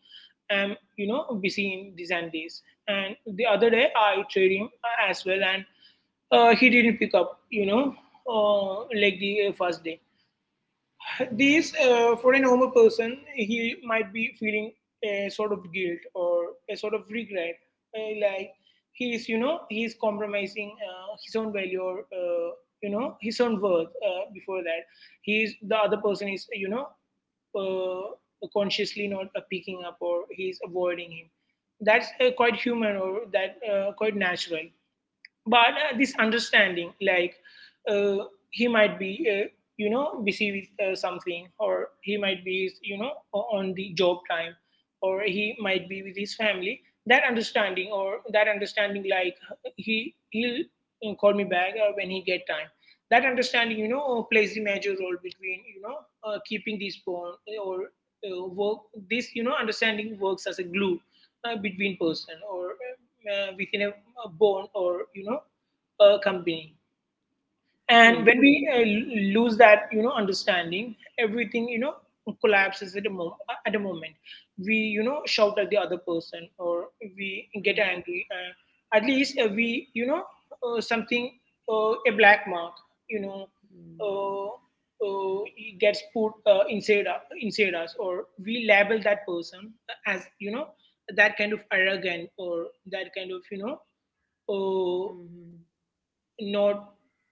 Speaker 2: I'm, busy in these and this. And the other day, I tried him as well, and he didn't pick up, like the first day. This, for a normal person, he might be feeling a sort of guilt, or a sort of regret, like he is compromising his own value, or, his own worth. Before that, he is the other person is, consciously not picking up, or he is avoiding him. That's quite human, or that quite natural. But this understanding, like, uh, he might be, busy with something, or he might be, on the job time, or he might be with his family. That understanding, or that understanding, like, he'll call me back when he get time. That understanding, plays the major role between, keeping these bond, or work. This, understanding works as a glue, between person, or within a bond, or, a company. And
Speaker 1: Hmm.
Speaker 2: when we lose that, understanding, everything, collapses at at a moment. We, shout at the other person, or we
Speaker 1: Hmm.
Speaker 2: get angry, at least, we, something, a black mark, you know
Speaker 1: Hmm.
Speaker 2: uh, uh, gets put inside us, or we label that person as, that kind of arrogant, or that kind of, uh,
Speaker 1: Hmm.
Speaker 2: not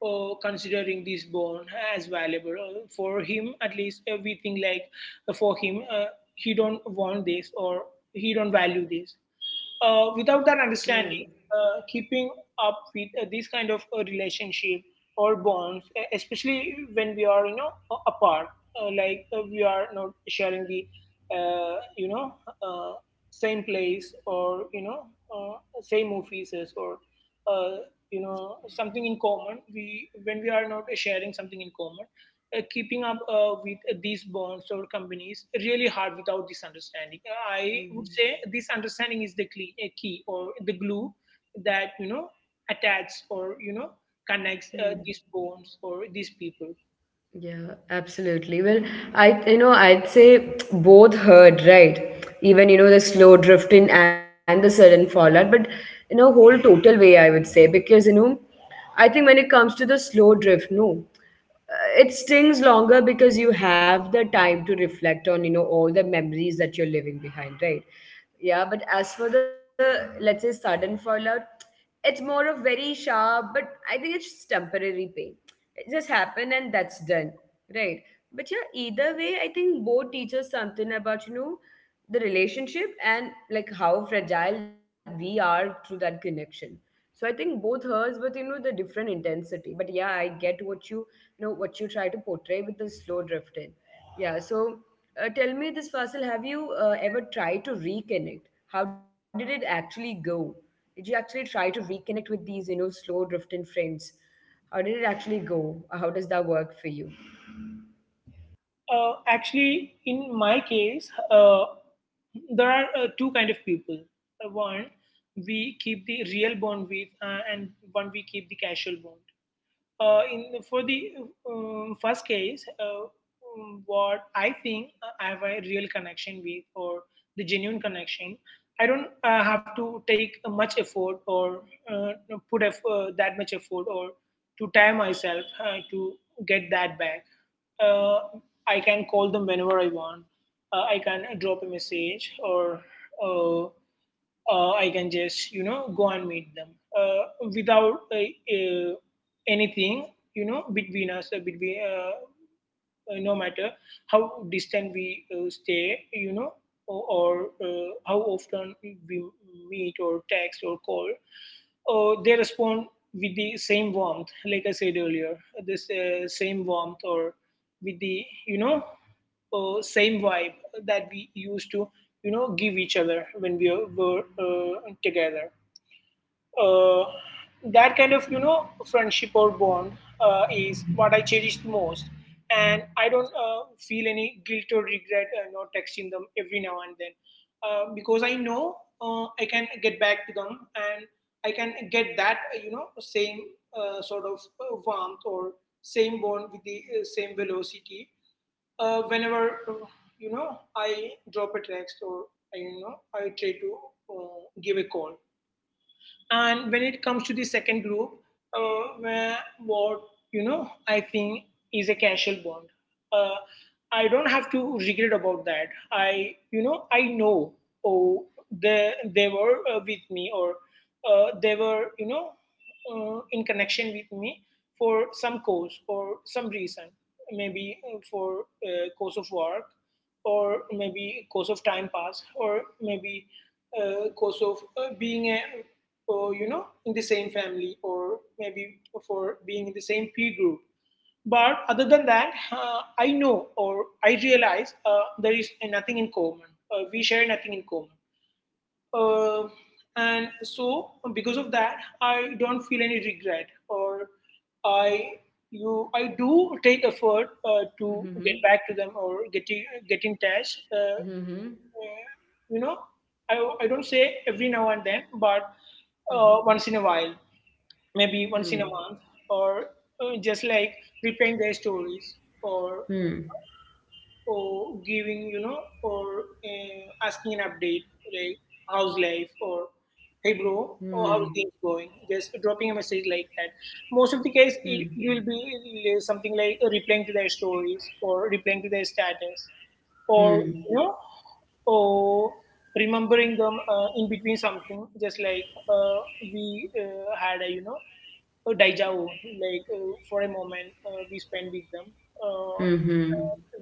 Speaker 2: considering this bone as valuable. For him, at least, we think like, for him, he don't want this, or he don't value this, without that
Speaker 1: Hmm.
Speaker 2: understanding. Keeping up with these kind of relationship or bonds, especially when we are, apart, like we are not sharing the, uh, you know uh, same place, or, uh, same offices, or, uh, something in common. We when we are not sharing something in common, keeping up with these bonds or companies really hard without this understanding. I would
Speaker 1: Mhm.
Speaker 2: say this understanding is the key, a key, or the glue that, attaches, or, connects
Speaker 1: Hmm.
Speaker 2: these bonds or these people.
Speaker 1: Yeah, absolutely. Well, I you know I'd say both hurt, right? Even the slow drifting and the sudden fallout, but in a whole total way, I would say because I think when it comes to the slow drift, no. It stings longer because you have the time to reflect on, all the memories that you're leaving behind, right? Yeah, but as for the, let's say, sudden fallout, it's more of very sharp, but I think it's just temporary pain. It just happened and that's done, right? But yeah, either way I think both teach us something about, the relationship and like how fragile we are through that connection. So I think both hers, but you know, the different intensity. But yeah, I get what you try to portray with the slow drifting. Yeah. So tell me this, Fasil, have you ever tried to reconnect? How did it actually go? Did you actually try to reconnect with these, you know, slow drifting friends? How did it actually go? How does that work for you?
Speaker 2: Actually, in my case, there are two kind of people. One we keep the real bond with, and one we keep the casual bond. In, for the, first case, what I think I have a real connection with, or the genuine connection, I don't have to take much effort, or uh, that much effort, or to tire myself to get that back. Uh, I can call them whenever I want. I can drop a message or uh, I can just go and meet them without anything between us between no matter how distant we stay, you know, or how often we meet or text or call, they respond with the same warmth, like I said earlier, this same warmth or with the same vibe that we used to, you know, give each other when we were together uh, that kind of friendship or bond is what I cherish the most, and I don't feel any guilt or regret not texting them every now and then, because I know I can get back to them, and I can get that same sort of warmth or same bond with the same velocity whenever uh, I drop a text or I I try to give a call. And when it comes to the second group, where what you know I think is a casual bond, uh, I don't have to regret about that. I know, oh, they were with me, or they were in connection with me for some cause or some reason, maybe for cause of work, or maybe cause of time pass, or maybe cause of being a, or you know, in the same family, or maybe for being in the same peer group. But other than that, I know, or I realize, there is nothing in common. We share nothing in common. Uh, and so because of that, I don't feel any regret. Or I You, I do take effort to
Speaker 1: Mm-hmm.
Speaker 2: get back to them, or get in touch.
Speaker 1: Mm-hmm.
Speaker 2: Uh, you know I, I don't say every now and then, but
Speaker 1: Mm-hmm.
Speaker 2: once in a while, maybe
Speaker 1: Hmm.
Speaker 2: once in a month, or just like replaying their stories, or
Speaker 1: Hmm.
Speaker 2: or giving or asking an update, like how's life, or hey bro,
Speaker 1: Hmm.
Speaker 2: or how's things going? Just dropping a message like that. Most of the case,
Speaker 1: Hmm.
Speaker 2: you will be something like replying to their stories or replying to their status, or
Speaker 1: Hmm.
Speaker 2: you know, or remembering them in between something, just like we had a a deja vu, like for a moment we spend with them. Uh,
Speaker 1: Hmm. Hmm.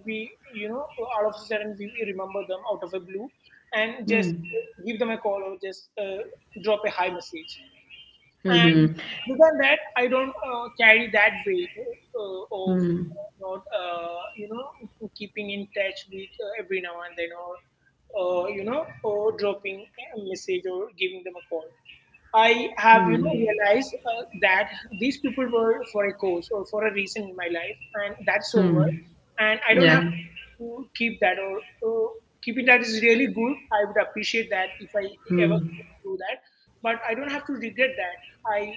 Speaker 2: we, you know, all of a sudden, we remember them out of the blue, and just
Speaker 1: Hmm.
Speaker 2: give them a call, or just drop a hi message.
Speaker 1: Hmm.
Speaker 2: And other than that, I don't carry that weight of
Speaker 1: Mm,
Speaker 2: not, you know, keeping in touch with every now and then, or, or dropping a message or giving them a call. I
Speaker 1: mm,
Speaker 2: have, you know, realized that these people were for a cause or for a reason in my life, and that's
Speaker 1: mm.
Speaker 2: over. And I
Speaker 1: Yeah.
Speaker 2: don't have to keep that, or keeping that is really good. I would appreciate that if I ever
Speaker 1: Mm,
Speaker 2: do that, but I don't have to regret that. I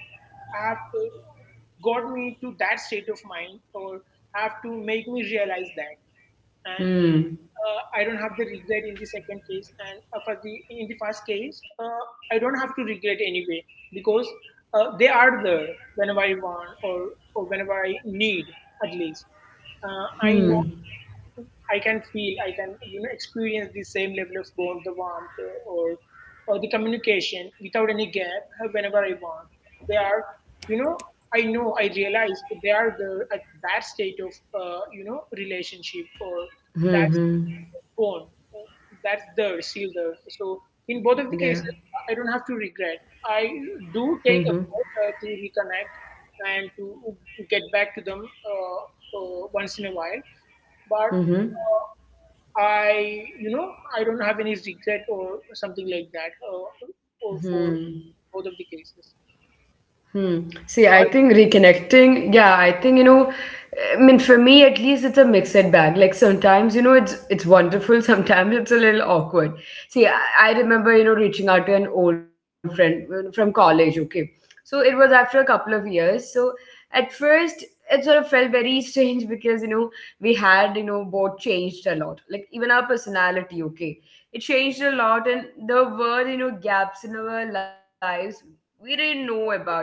Speaker 2: have got me to that state of mind, or have to make me realize that
Speaker 1: mm,
Speaker 2: I don't have the regret in the second case, and for the in the first case, I don't have to regret anyway, because they are there whenever I want, or whenever I need. At least I
Speaker 1: mm,
Speaker 2: know, I can feel, I can you know, experience the same level of bond, the warmth, or the communication without any gap whenever I want. They are, you know, I realize they are the at that state of relationship or that
Speaker 1: mhm.
Speaker 2: bond. That's there, still there. So, in both of the
Speaker 1: Yeah.
Speaker 2: cases, I don't have to regret. I
Speaker 1: Mhm,
Speaker 2: do take effort to reconnect and to get back to them once in a while, but
Speaker 1: mhm,
Speaker 2: I don't have any regret or something like that,
Speaker 1: mhm.
Speaker 2: for both of the cases.
Speaker 1: Hmm. See, I
Speaker 2: What?
Speaker 1: think reconnecting, yeah, I think, you know, I mean, for me at least, it's a mixed bag. Like sometimes, you know, it's wonderful. Sometimes it's a little awkward. See, I remember, you know, reaching out to an old friend from college. Okay, so it was after a couple of years. So at first, it sort of felt very strange because we had both changed a lot. Like even our personality. Okay, it changed a lot, and there were gaps in our lives we didn't know about, yeah.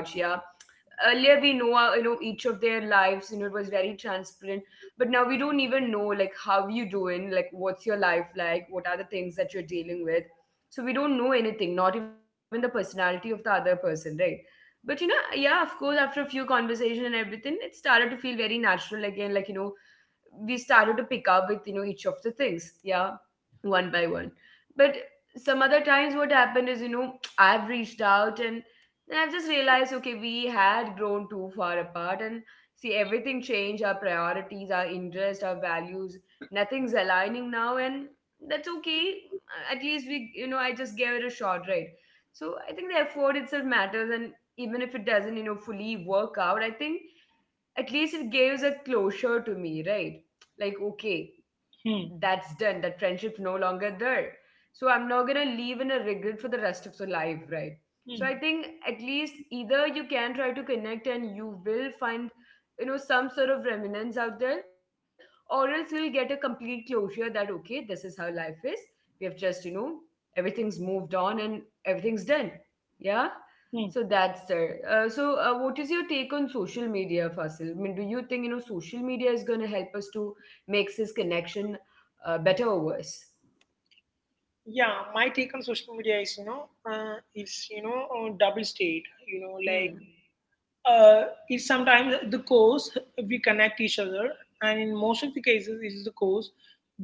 Speaker 1: Earlier we know our, you know, each of their lives, it was very transparent, but now we don't even know, like how you doing, like what's your life like, what are the things that you're dealing with. So we don't know anything, not even the personality of the other person, right? But you know, yeah, of course after a few conversation and everything it started to feel very natural again, like you know, we started to pick up with, each of the things, yeah, one by one. But some other times, what happened is, you know, I've reached out and then I've just realized, okay, we had grown too far apart. And see, everything changed our priorities, our interests, our values. Nothing's aligning now. And that's okay. At least we, you know, I just gave it a shot, right? So I think the effort itself matters. And even if it doesn't, you know, fully work out, I think at least it gives a closure to me, right? Like, okay,
Speaker 2: Hmm.
Speaker 1: that's done, that friendship's no longer there, so I'm not going to live in a regret for the rest of the life, right? So
Speaker 2: Hmm.
Speaker 1: I think at least either you can try to connect and you will find, you know, some sort of remnants out there, or else you'll get a complete closure that, okay, this is how life is, we have just, you know, everything's moved on and everything's done, yeah.
Speaker 2: Hmm.
Speaker 1: So that's there. So, what is your take on social media, Fasil? I mean, do you think social media is going to help us to make this connection better or worse?
Speaker 2: Yeah, my take on social media is, you know, it's, you know, double state, you know, like
Speaker 1: Hmm.
Speaker 2: it's sometimes the cause we connect each other, and in most of the cases, it is the cause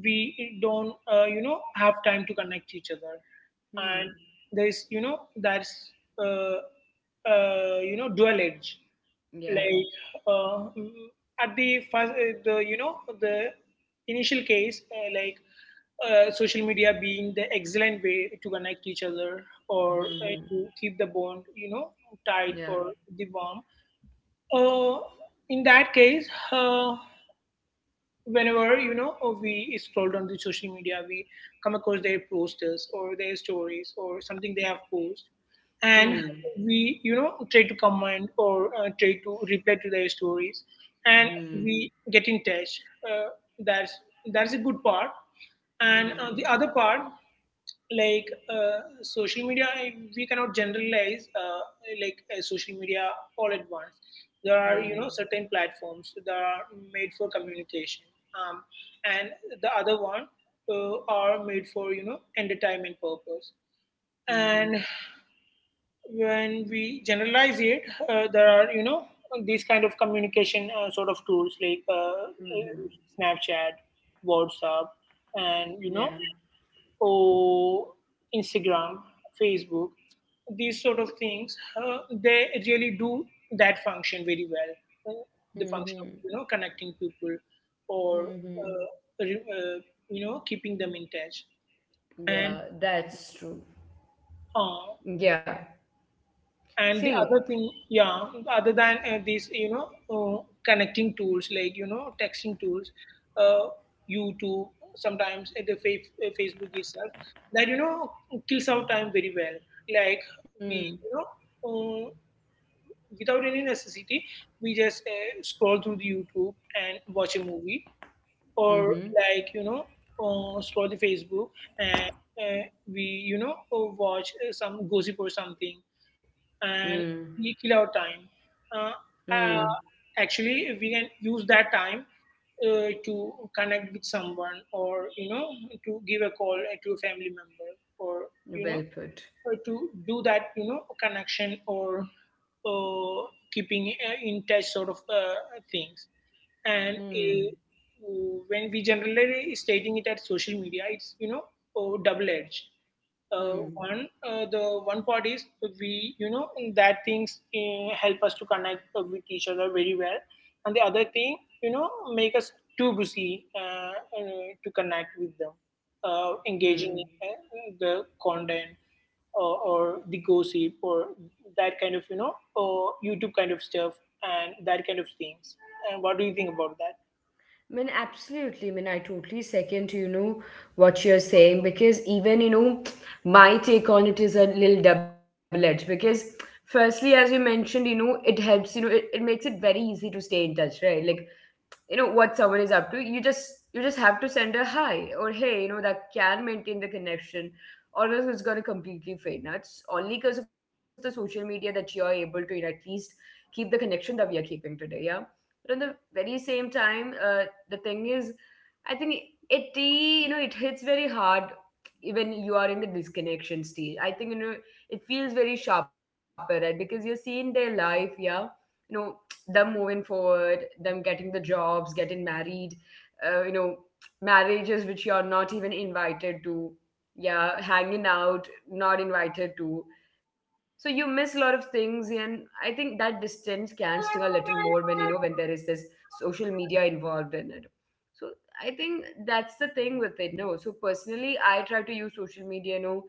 Speaker 2: we don't, you know, have time to connect each other. And
Speaker 1: Hmm.
Speaker 2: there's, you know, that's, uh, you know, dual edge.
Speaker 1: Yeah.
Speaker 2: Like uh, mm, at the first the you know the initial case, like social media being the excellent way to connect each other, or
Speaker 1: Hmm. Hmm.
Speaker 2: to keep the bond, you know, tight
Speaker 1: Yeah.
Speaker 2: or the warm. uh, in that case, uh, whenever we scroll down the social media, we come across their posters or their stories or something they have posted, and
Speaker 1: Hmm.
Speaker 2: we you know try to comment or try to reply to their stories, and
Speaker 1: Hmm.
Speaker 2: we get in touch. uh, that's that's a good part. And
Speaker 1: Hmm.
Speaker 2: the other part, like social media, we cannot generalize like social media all at once. There are, you know,
Speaker 1: Hmm.
Speaker 2: certain platforms that are made for communication, um, and the other one are made for, you know, entertainment purpose.
Speaker 1: Hmm.
Speaker 2: And when we generalize it, there are, you know, these kind of communication sort of tools, like
Speaker 1: Hmm. Hmm.
Speaker 2: Snapchat, WhatsApp, and you know,
Speaker 1: Yeah.
Speaker 2: or Instagram, Facebook. These sort of things, they really do that function very well. The
Speaker 1: Hmm. Hmm.
Speaker 2: function of, you know, connecting people, or
Speaker 1: Hmm. Hmm.
Speaker 2: re- uh, you know, keeping them in touch. And
Speaker 1: Yeah. That's true.
Speaker 2: uh,
Speaker 1: Yeah.
Speaker 2: and the
Speaker 1: See.
Speaker 2: other thing, yeah, other than these, you know, uh, connecting tools like, you know, texting tools, uh, YouTube, sometimes Facebook itself, that, you know, kills our time very well. Like,
Speaker 1: Hmm.
Speaker 2: we you know uh, without any necessity, we just scroll through the YouTube and watch a movie,
Speaker 1: Hmm.
Speaker 2: or
Speaker 1: Hmm.
Speaker 2: like, you know, scroll the Facebook, and uh, we you know watch some gossip or something,
Speaker 1: Hmm.
Speaker 2: and we kill our time. Uh,
Speaker 1: Hmm.
Speaker 2: uh, Actually, we can use that time to connect with someone, or you know, to give a call to a family member, or you
Speaker 1: Well
Speaker 2: know,
Speaker 1: put.
Speaker 2: to do that, you know, connection or uh, keeping in touch sort of things. And
Speaker 1: Hmm.
Speaker 2: when we generally stating it at social media, it's, you know, double edged.
Speaker 1: Hmm.
Speaker 2: One, the one part is we, you know, that things help us to connect with each other very well, and the other thing, you know, make us too busy, to connect with them, engaging in
Speaker 1: Hmm.
Speaker 2: the content, or the gossip, or that kind of, you know, YouTube kind of stuff and that kind of things. And what do you think about that?
Speaker 1: I mean, absolutely. I mean, I totally second, you know, what you're saying, because even, you know, my take on it is a little double-edged because firstly, as you mentioned, you know, it helps, you know, it makes it very easy to stay in touch, right? Like you know what someone is up to, you just have to send a hi or hey, you know, that can maintain the connection, or else it's going to completely fade. Now it's only because of the social media that you are able to, you know, at least keep the connection that we are keeping today, yeah. But on the very same time, the thing is I think it you know it hits very hard. Even you are in the disconnection stage, I think, you know, it feels very sharper, right? Because you're seeing their life, yeah, you know, them moving forward, them getting the jobs, getting married, you know, marriages which you're not even invited to, yeah, hanging out, not invited to. So you miss a lot of things, and I think that distance can sting a little more when, there is this social media involved in it. So I think that's the thing with it. No, so personally, I try to use social media, you know,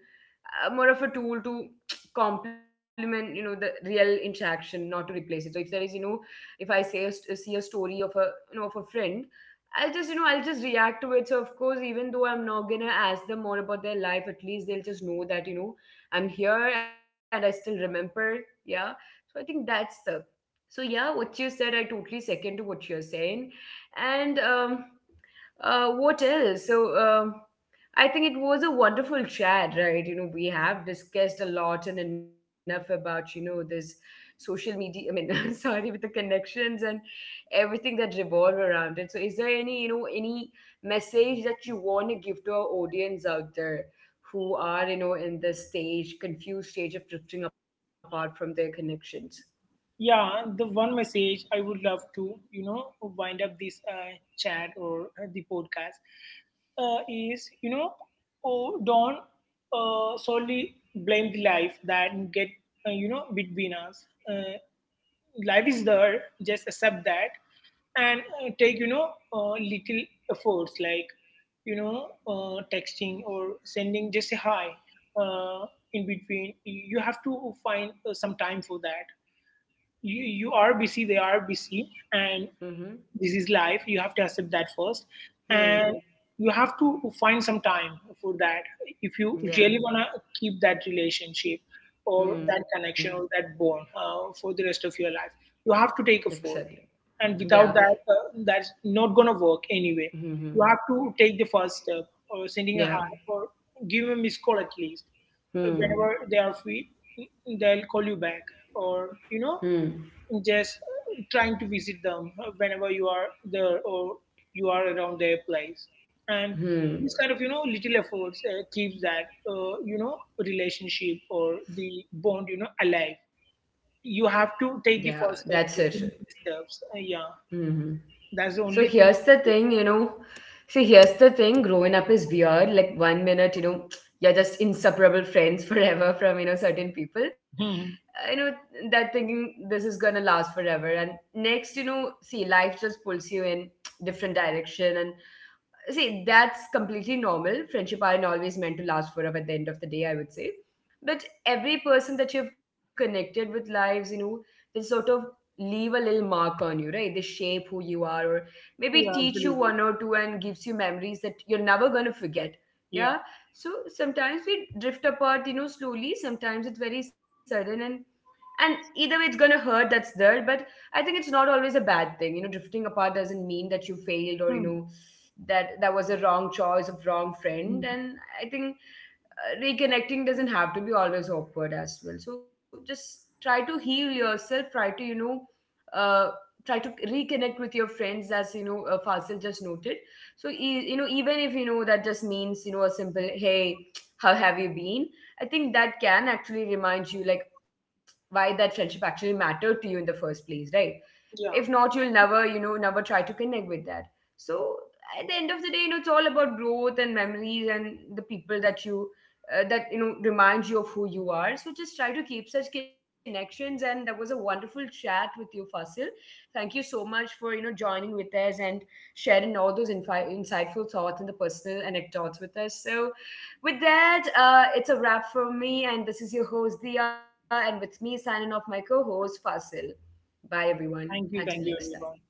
Speaker 1: more of a tool to complement, you know, the real interaction, not to replace it. So if there is, you know, if I see a story of a, of a friend, I'll just react to it. So of course, even though I'm not gonna ask them more about their life, at least they'll just know that, you know, I'm here and I still remember, yeah. So I think that's the... So yeah, what you said, I totally second to what you're saying. And what else? So, I think it was a wonderful chat, right? You know, we have discussed a lot and enough about, you know, this social media, I mean, sorry, with the connections and everything that revolve around it. So, is there any, you know, any message that you want to give to our audience out there who are, you know, in this stage, confused stage of drifting apart from their connections?
Speaker 2: Yeah, the one message I would love to, you know, wind up this chat or the podcast is, you know, oh, don't solely blame the life that get you know between us. uh, Life is there, just accept that, and take, you know, little efforts, like, you know, texting or sending just a hi. uh, in between, you have to find some time for that. You are busy, they are busy, and
Speaker 1: Mm-hmm.
Speaker 2: this is life. You have to accept that first, and
Speaker 1: Hmm.
Speaker 2: you have to find some time for that. If you really
Speaker 1: Yeah.
Speaker 2: want to keep that relationship or that
Speaker 1: Hmm.
Speaker 2: connection or that bond for the rest of your life, you have to take a effort,
Speaker 1: Exactly.
Speaker 2: and
Speaker 1: Yeah.
Speaker 2: without that, that's not going to work anyway. You
Speaker 1: Mm-hmm.
Speaker 2: have to take the first step, or sending a
Speaker 1: Yeah.
Speaker 2: hi, or give a missed call at least. Whenever
Speaker 1: Hmm.
Speaker 2: they are free, mm, they'll call you back, or you
Speaker 1: Hmm.
Speaker 2: know, just trying to visit them whenever you are there, or you are around their place. And
Speaker 1: Hmm.
Speaker 2: this kind of, you know, little efforts keeps that, relationship or the bond, you know, alive. You
Speaker 1: Yeah,
Speaker 2: have to
Speaker 1: that's
Speaker 2: take the
Speaker 1: it.
Speaker 2: first step, the initial steps. Yeah,
Speaker 1: Hmm. So
Speaker 2: that's
Speaker 1: here's
Speaker 2: the
Speaker 1: the
Speaker 2: only thing.
Speaker 1: thing, you know. See, here's the thing. Growing up is weird. Like one minute, you know, you're just inseparable friends forever from, certain people.
Speaker 2: Hmm.
Speaker 1: You know that thinking this is gonna last forever, and next, you know, see life just pulls you in different direction. See, that's completely normal, friendship aren't always meant to last forever, at the end of the day I would say. But every person that you've connected with lives, you know, they sort of leave a little mark on you, right? They shape who you are, or maybe
Speaker 2: Yeah,
Speaker 1: teach you one
Speaker 2: absolutely.
Speaker 1: or two, and gives you memories that you're never going to forget,
Speaker 2: Yeah.
Speaker 1: yeah. So sometimes we drift apart, you know, slowly, sometimes it's very sudden, and either way it's going to hurt, that's there, but I think it's not always a bad thing. You know, drifting apart doesn't mean that you failed or, you
Speaker 2: Hmm.
Speaker 1: know, that that was a wrong choice of wrong friend.
Speaker 2: Hmm.
Speaker 1: And I think reconnecting doesn't have to be always awkward as well, so just try to heal yourself, try to, uh, try to reconnect with your friends as, you know, Fasil just noted. So you know, even if you know that just means, you know, a simple hey, how have you been, I think that can actually remind you, like, why that friendship actually mattered to you in the first place, right? If
Speaker 2: Yeah,
Speaker 1: not, you'll never you know never try to connect with that. So at the end of the day, you know, it's all about growth and memories and the people that, you that you know remind you of who you are. So just try to keep such connections. And that was a wonderful chat with you, Fasil. Thank you so much for, you know, joining with us and sharing all those insightful thoughts and the personal anecdotes with us. So with that, it's a wrap from me, and this is your host Dia, and with me signing off, my co-host Fasil. Bye, everyone. Until
Speaker 2: thank you,
Speaker 1: next
Speaker 2: thank you,
Speaker 1: time.
Speaker 2: everyone.